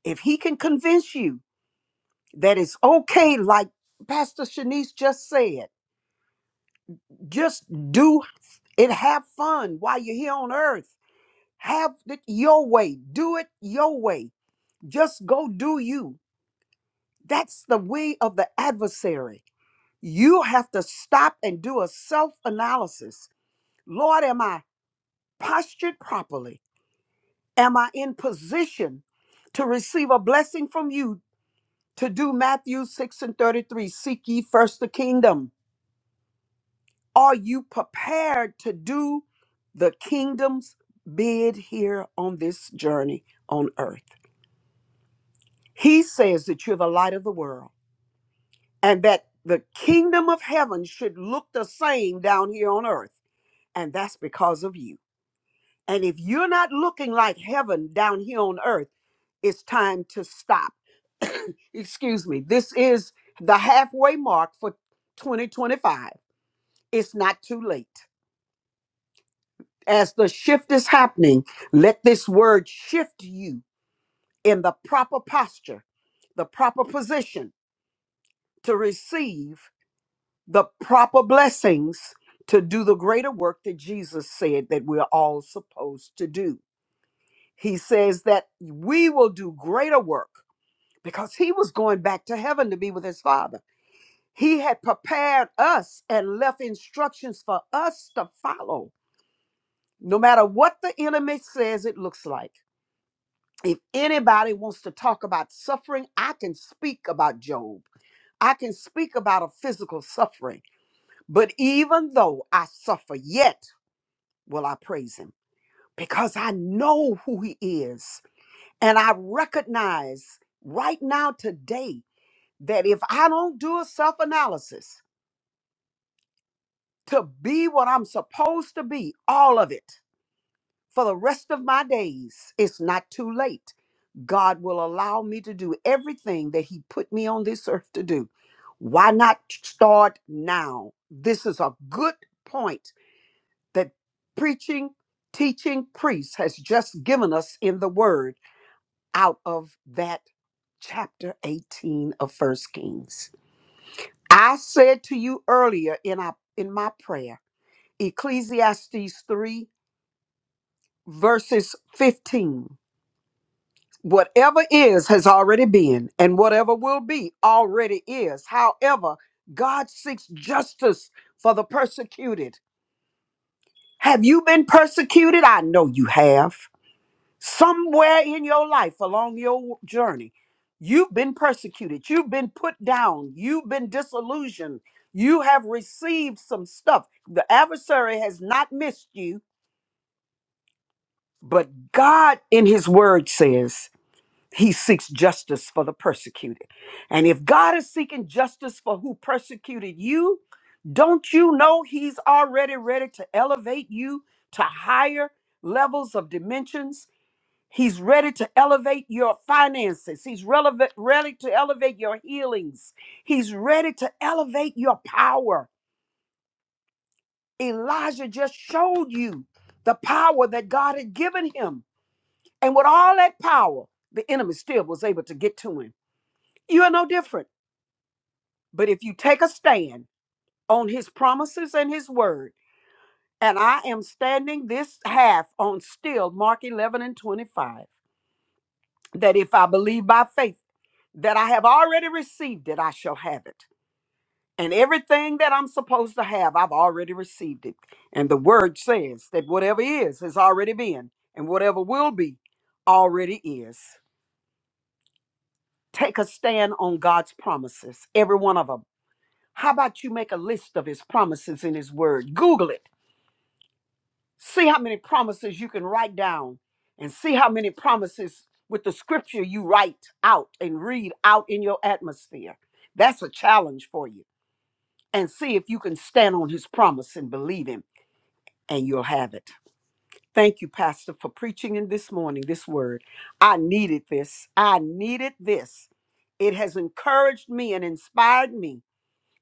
If he can convince you that it's okay, like Pastor Shanice just said, just do and have fun while you're here on earth. Have it your way. Do it your way. Just go do you. That's the way of the adversary. You have to stop and do a self analysis. Lord, am I postured properly? Am I in position to receive a blessing from you to do Matthew 6 and 33? Seek ye first the kingdom Are you prepared to do the kingdom's bid here on this journey on earth? He says that you're the light of the world and that the kingdom of heaven should look the same down here on earth. And that's because of you. And if you're not looking like heaven down here on earth, it's time to stop. *coughs* Excuse me. This is the halfway mark for 2025. It's not too late. As the shift is happening, let this word shift you in the proper posture, the proper position to receive the proper blessings to do the greater work that Jesus said that we're all supposed to do. He says that we will do greater work because he was going back to heaven to be with his father. He had prepared us and left instructions for us to follow, no matter what the enemy says it looks like. if anybody wants to talk about suffering, I can speak about Job. I can speak about a physical suffering. But even though I suffer, yet will I praise him because I know who he is. And I recognize right now, today, that if I don't do a self analysis to be what I'm supposed to be, all of it, for the rest of my days, it's not too late God will allow me to do everything that He put me on this earth to do. Why not start now? This is a good point that preaching, teaching priest has just given us in the word out of that chapter 18 of First Kings. I said to you earlier in, our, in my prayer, Ecclesiastes 3, verses 15. Whatever is has already been, and whatever will be already is. However, God seeks justice for the persecuted. Have you been persecuted? I know you have. Somewhere in your life along your journey, you've been persecuted, you've been put down, you've been disillusioned, you have received some stuff. The adversary has not missed you, but God in His Word says, He seeks justice for the persecuted. And if God is seeking justice for who persecuted you, don't you know He's already ready to elevate you to higher levels of dimensions? He's ready to elevate your finances. He's relevant, ready to elevate your healings. He's ready to elevate your power. Elijah just showed you the power that God had given him. And with all that power, the enemy still was able to get to him. You are no different. But if you take a stand on his promises and his word, and I am standing this half on still Mark 11 and 25, that if I believe by faith that I have already received it, I shall have it. And everything that I'm supposed to have, I've already received it. And the word says that whatever is, has already been, and whatever will be, already is. Take a stand on God's promises, every one of them. How about you make a list of his promises in his word? Google it. See how many promises you can write down and see how many promises with the scripture you write out and read out in your atmosphere. That's a challenge for you. And see if you can stand on his promise and believe him, and you'll have it. Thank you, Pastor, for preaching in this morning this word. I needed this. I needed this. It has encouraged me and inspired me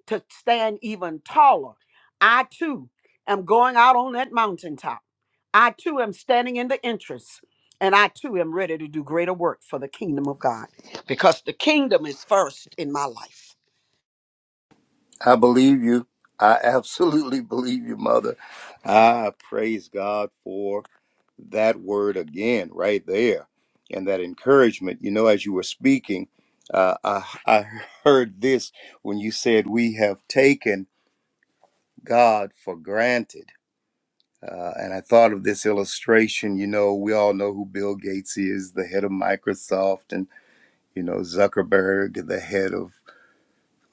to stand even taller. I too am going out on that mountaintop. I too am standing in the entrance. And I too am ready to do greater work for the kingdom of God because the kingdom is first in my life. I believe you. I absolutely *laughs* believe you, Mother. I praise God for that word again right there and that encouragement you know as you were speaking uh, I, I heard this when you said we have taken god for granted uh, and i thought of this illustration you know we all know who bill gates is the head of microsoft and you know zuckerberg the head of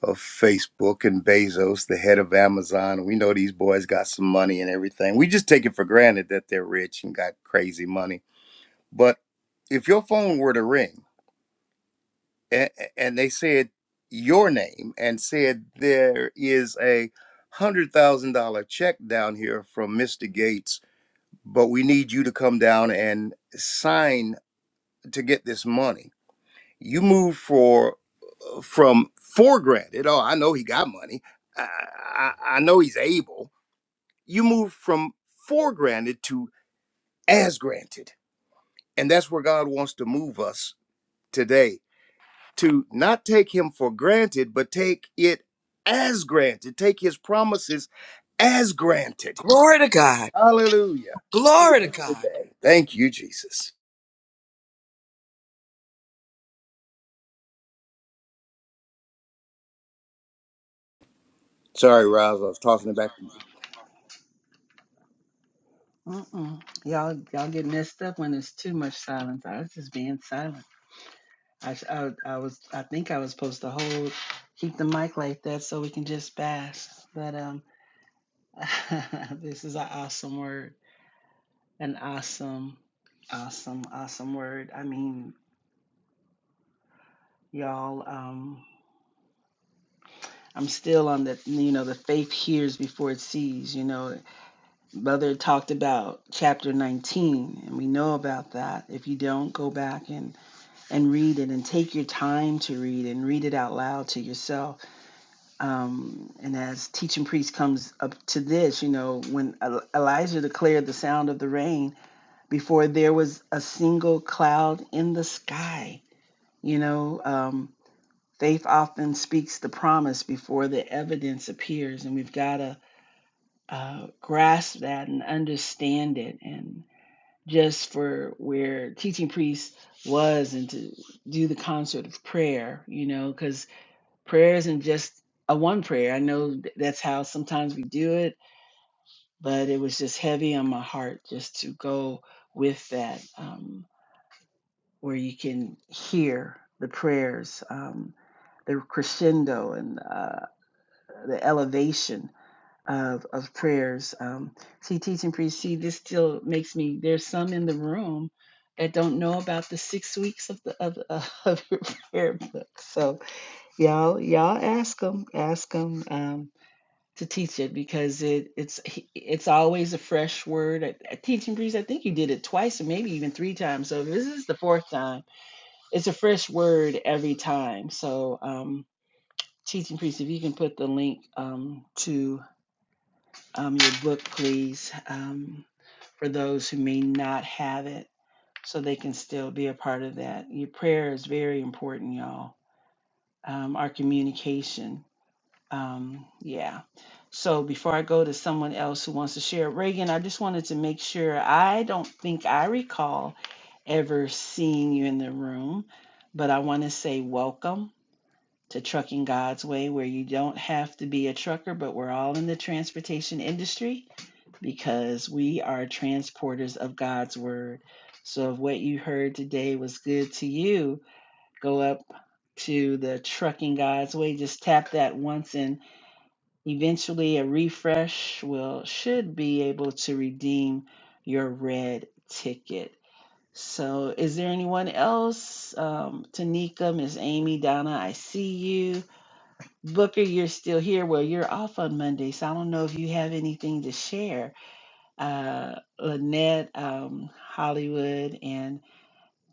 of facebook and bezos the head of amazon we know these boys got some money and everything we just take it for granted that they're rich and got crazy money But if your phone were to ring and, and they said your name and said there is a hundred thousand dollar check down here from Mr. Gates, but we need you to come down and sign to get this money. You move for from for granted. Oh, I know he got money. I, I, I know he's able. You move from for granted to as granted, and that's where God wants to move us today to not take him for granted, but take it as granted, take his promises as granted. Glory to God. Hallelujah to Glory to us God. today. Thank you, Jesus. Sorry, Roz, I was tossing it back to you. Mm-mm. Y'all, y'all get messed up when there's too much silence. I was just being silent. I, sh- I, I was, I think I was supposed to hold, keep the mic like that so we can just bash. But um, *laughs* this is an awesome word, an awesome, awesome, awesome word. I mean, y'all, um, I'm still on the, you know, the faith hears before it sees. You know, Mother talked about chapter 19, and we know about that. If you don't, go back and and read it and take your time to read and read it out loud to yourself. Um, and as teaching priest comes up to this, you know, when Elijah declared the sound of the rain before there was a single cloud in the sky, you know, um, faith often speaks the promise before the evidence appears. And we've got to uh, grasp that and understand it. and just for where teaching priest was and to do the concert of prayer, you know, because prayer isn't just a one prayer. I know th- that's how sometimes we do it, but it was just heavy on my heart just to go with that, um, where you can hear the prayers, um, the crescendo and uh, the elevation. of of prayers. Um, see, teaching priest, see, this still makes me. There's some in the room that don't know about the six weeks of the of, *laughs* of your prayer book. So y'all, y'all ask them, ask them um, to teach it because it it's it's always a fresh word. At, at teaching priest, I think you did it twice or maybe even three times. So if this is the fourth time. It's a fresh word every time. So um, teaching priest, if you can put the link um, to um, your book, please, um, for those who may not have it, so they can still be a part of that. Your prayer is very important, y'all. Um, our communication. Um, yeah. So before I go to someone else who wants to share, Reagan, I just wanted to make sure I don't think I recall ever seeing you in the room, but I want to say welcome to Trucking God's Way, where you don't have to be a trucker, but we're all in the transportation industry because we are transporters of God's word. So if what you heard today was good to you, go up to the Trucking God's Way, just tap that once and eventually a refresh will should be able to redeem your red ticket. So is there anyone else? Um, Tanika, Miss Amy, Donna, I see you. Booker, you're still here. Well, you're off on Monday, so I don't know if you have anything to share uh, Lynette, um, Hollywood, and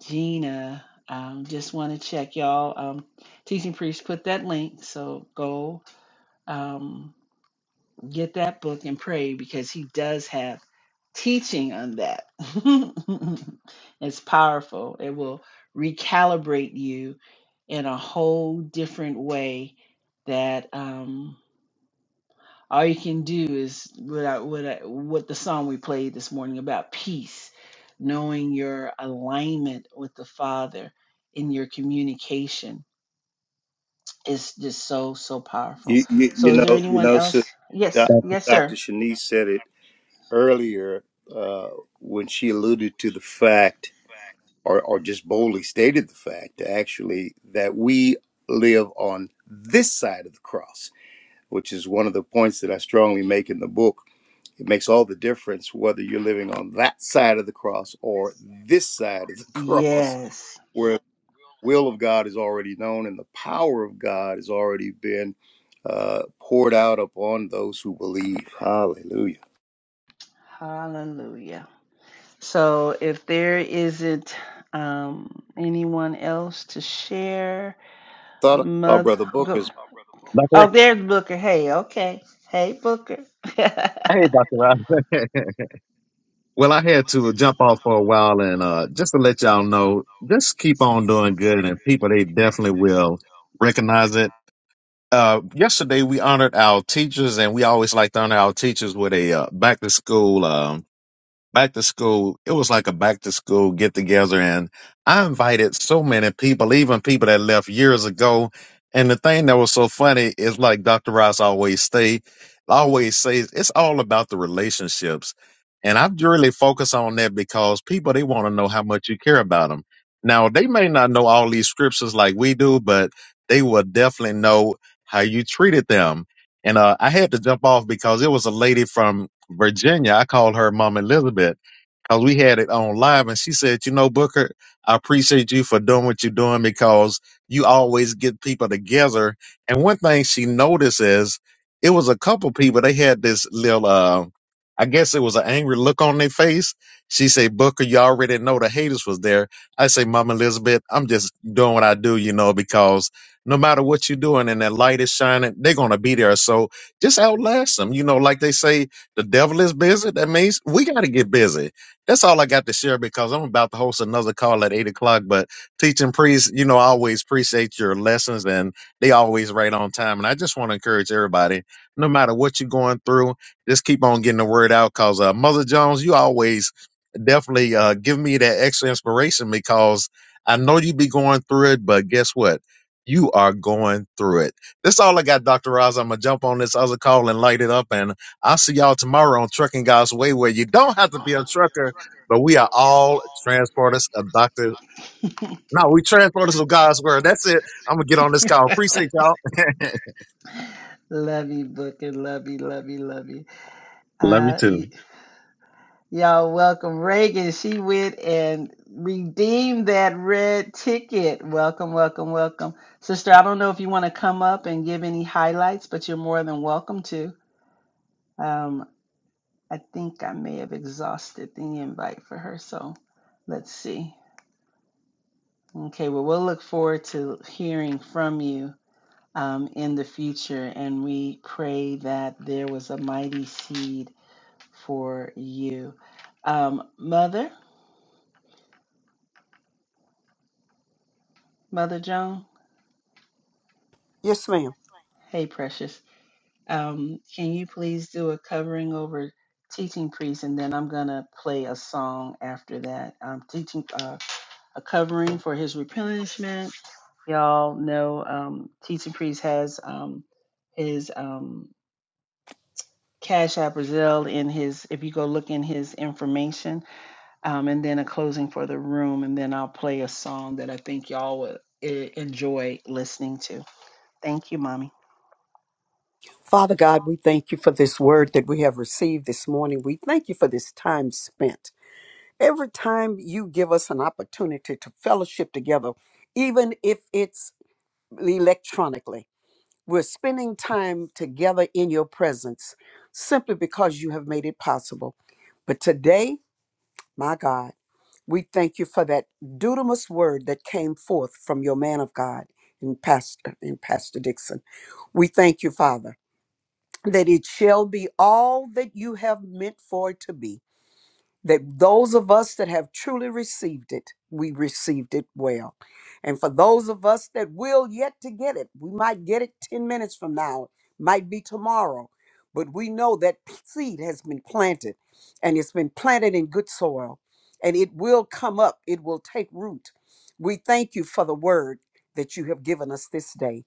Gina. Um, just want to check y'all. Um, Teaching Priest put that link, so go um, get that book and pray because he does have teaching on that. *laughs* it's powerful. It will recalibrate you in a whole different way that. um, all you can do is what I, what I, what the song we played this morning about peace, knowing your alignment with the Father in your communication is just so so powerful. You, you, So, you is there know, you anyone know, so else? Doc- Yes, Dr. yes, Dr. sir. Shanice said it earlier uh, when she alluded to the fact, or, or just boldly stated the fact, actually, that we live on this side of the cross, which is one of the points that I strongly make in the book It makes all the difference whether you're living on that side of the cross or this side of the *laughs* cross, Yes. where the will of God is already known and the power of God has already been uh, poured out upon those who believe. Hallelujah. Share. Thought I saw Brother Go. Booker's. Ra- Oh, there they. Hey, Dr. Rob. *laughs* well, I Well, had I to had to jump off jump for a off for a while and while, uh, and just uh, to let just to y'all let y'all know, know, just keep just on keep on doing good doing and good, people, and they people they definitely definitely will will recognize it. recognize Uh, yesterday, we honored our teachers and we always like to honor our teachers with a uh, back to school. um, back to school, it was like a back to school get together. And I invited so many people, even people that left years ago. And the thing that was so funny is like Dr. Ross always say, always says, it's all about the relationships. And I really focus on that because people, they want to know how much you care about them. Now, they may not know all these scriptures like we do, but they will definitely know how you treated them. And uh, I had to jump off because it was a lady from Virginia, I call her Mom Elizabeth. Cause we had it on live and she said, you know, Booker, I appreciate you for doing what you're doing because you always get people together. And one thing she noticed is it was a couple people, they had this little, uh, I guess it was an angry look on their face. She said, Booker, you already know the haters was there. I say, Mama Elizabeth, I'm just doing what I do, you know, because no matter what you're doing and that light is shining, they're going to be there. So just outlast them. You know, like they say, the devil is busy. That means we got to get busy that's all I got to share because I'm about to host another call at eight o'clock. But teaching priests, you know, I always appreciate your lessons and they always right on time. And I just want to encourage everybody, no matter what you're going through, just keep on getting the word out. Cause uh, Mother Jones, you always definitely uh, give me that extra inspiration because I know you be going through it, but guess what? You are going through it. That's all I got, Dr. Roz. I'm gonna jump on this other call and light it up and I'll see y'all tomorrow on Trucking God's Way, where you you. Well, don't you have to don't be a have to be a trucker trucker, but we are but we are all all transporters of transporters. Dr. Like, No, we no, we transporters of transporters of God's word. God's That's word. it. That's it. I'm going to get on I'm gonna this get on call. this call. Appreciate y'all. *laughs* Love you, Booker. Love you, love you, love you. *laughs* Love you Uh, too. you, Y'all welcome Reagan. She went and redeemed that red ticket. Welcome, welcome, welcome. Sister, I don't know if you want to come up and give any highlights, but you're more than welcome to. Um, I think I may have exhausted the invite for her, so let's see. Okay, well, we'll look forward to hearing from you um, in the future, and we pray that there was a mighty seed for you. Um, Mother, Mother Joan. Yes, ma'am. Hey, Precious. Um, can you please do a covering over teaching priest, and then I'm gonna play a song after that. Um, teaching uh, a covering for his replenishment. Y'all know um, teaching priest has um, his um, Cash App Brazil in his. If you go look in his information, um, and then a closing for the room, and then I'll play a song that I think y'all would eh, enjoy listening to. Thank you, mommy. Father God, we thank you for this word that we have received this morning. We thank you for this time spent. Every time you give us an opportunity to fellowship together, even if it's electronically, We're spending time together in your presence simply because you have made it possible. But today, my God, we thank you for that dudamus word that came forth from your man of God and pastor and pastor Dixon. We thank you, Father, that it shall be all that you have meant for it to be that those of us that have truly received it, we received it well. And for those of us that will yet to get it, we might get it 10 minutes from now, might be tomorrow, but we know that seed has been planted and it's been planted in good soil and it will come up, it will take root. We thank you for the word that you have given us this day.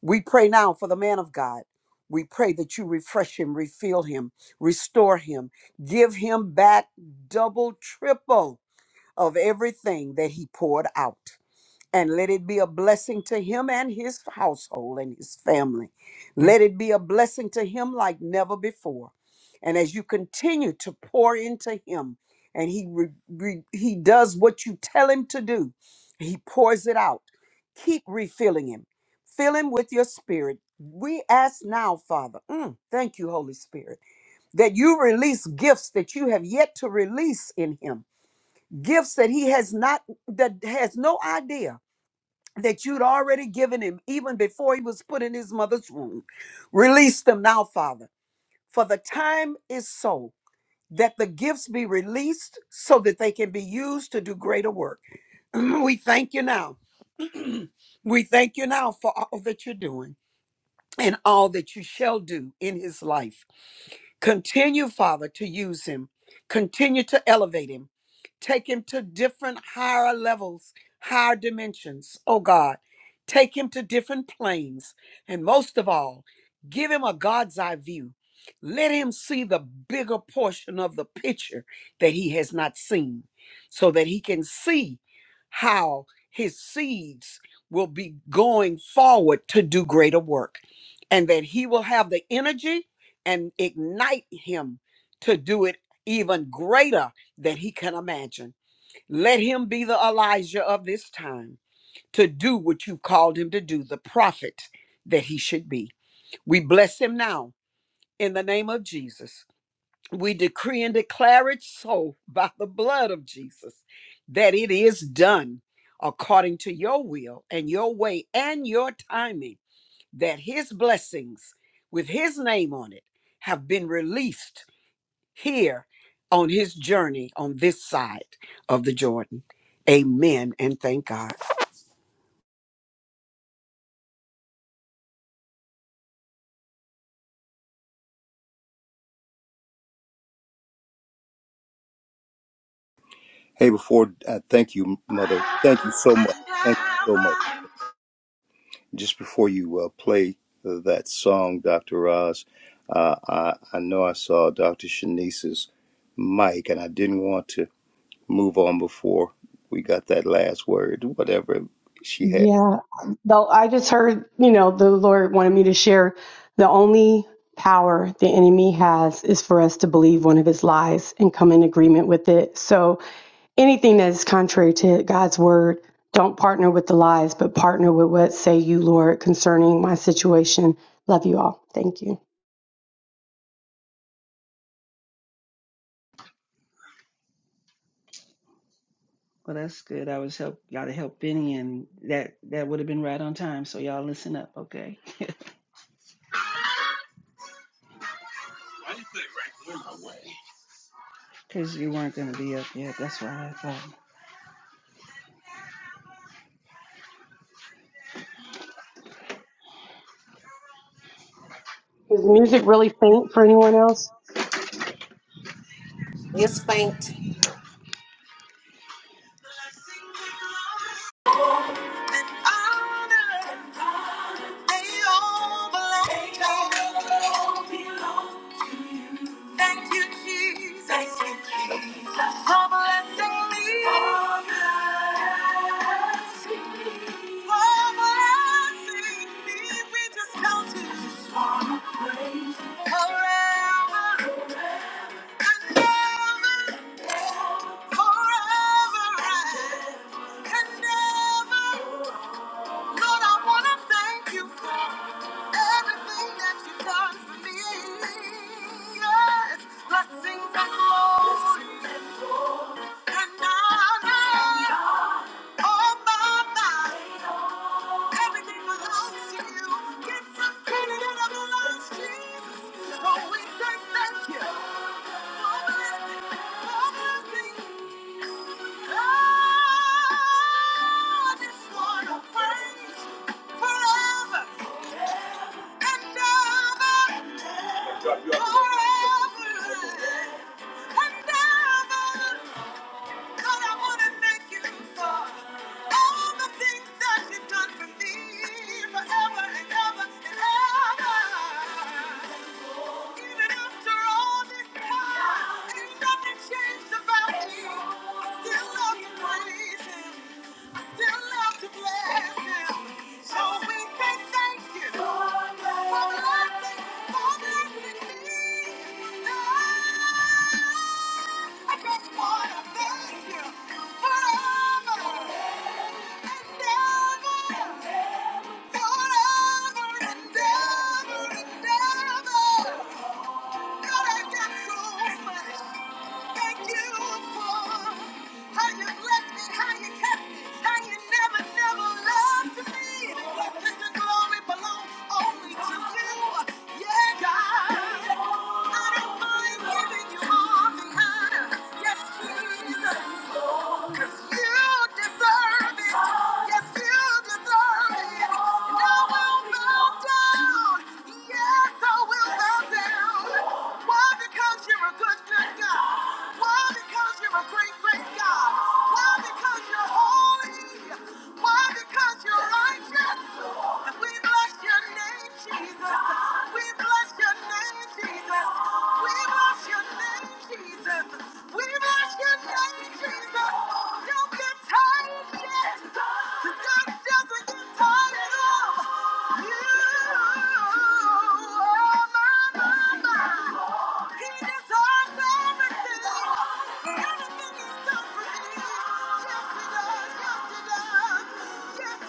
We pray now for the man of God. We pray that you refresh him, refill him, restore him, give him back double, triple of everything that he poured out and let it be a blessing to him and his household and his family. Let it be a blessing to him like never before. And as you continue to pour into him, and he re- re- he does what you tell him to do, he pours it out. Keep refilling him. Fill him with your spirit. We ask now, Father, mm, thank you, Holy Spirit, that you release gifts that you have yet to release in him, gifts that he has not, that has no idea that you'd already given him even before he was put in his mother's womb. Release them now, Father, for the time is so that the gifts be released so that they can be used to do greater work. *clears throat* we thank you now. *clears throat* we thank you now for all that you're doing and all that you shall do in his life. Continue, Father, to use him. Continue to elevate him. Take him to different higher levels, higher dimensions, oh God. Take him to different planes. And most of all, give him a God's eye view. Let him see the bigger portion of the picture that he has not seen so that he can see how his seeds will be going forward to do greater work and that he will have the energy and ignite him to do it even greater than he can imagine. Let him be the Elijah of this time to do what you called him to do, the prophet that he should be. We bless him now in the name of Jesus. We decree and declare it so *laughs* by the blood of Jesus that it is done according to your will and your way and your timing, that his blessings with his name on it have been released here on his journey on this side of the Jordan. Amen and thank God. Hey, before I thank you, Mother, thank you so much. Thank you so much. Just before you uh, play uh, that song, Dr. Roz, uh, I, I know I saw Dr. Shanice's mic, and I didn't want to move on before we got that last word, whatever she had. Yeah. Though I just heard, you know, the Lord wanted me to share the only power the enemy has is for us to believe one of his lies and come in agreement with it. So anything that is contrary to God's word, don't partner with the lies, but partner with what say you, Lord, concerning my situation. Love you all. Thank you. Well, that's good. I was help y'all to help Benny, and that that would have been right on time. So y'all listen up, okay? *laughs* Because you weren't gonna be up yet. That's why I thought. Is the music really faint for anyone else? It's faint. Thank you, Jesus. Thank you, Jesus. For blessing me. For blessing me. We just count it forever and ever. Blessings and glory, and honor, all my life. Everything belongs to you. Get some credit and it belongs to Jesus. Oh, we say thank you. For blessing, for blessing. Oh, I just want to praise forever and ever. Forever and ever. God, I want to thank you for all the things that you've done for me forever and ever and ever. Even after all this time, ain't nothing changed about you. I still love to praise him. I still love to bless him. So we say thank you for blessing, for blessing me. I just want to thank you forever and ever, forever and ever and ever. Yes, Jesus. We bless your name, Jesus. We bless your name, Jesus, Jesus, we we bless bless Your name, Jesus. We bless Your name. name. Everything Everything he's done for me. Yes, he does. Yes, he does. Yes, no, I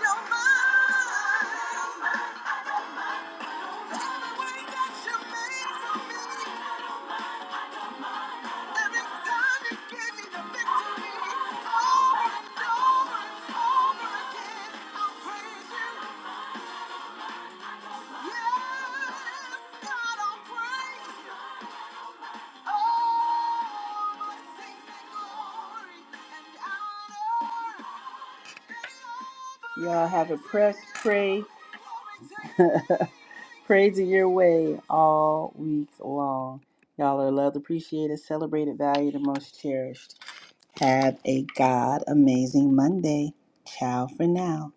don't mind. Y'all have a press, pray, *laughs* praising your way all week long. Y'all are loved, appreciated, celebrated, valued, and most cherished. Have a God amazing Monday. Ciao for now.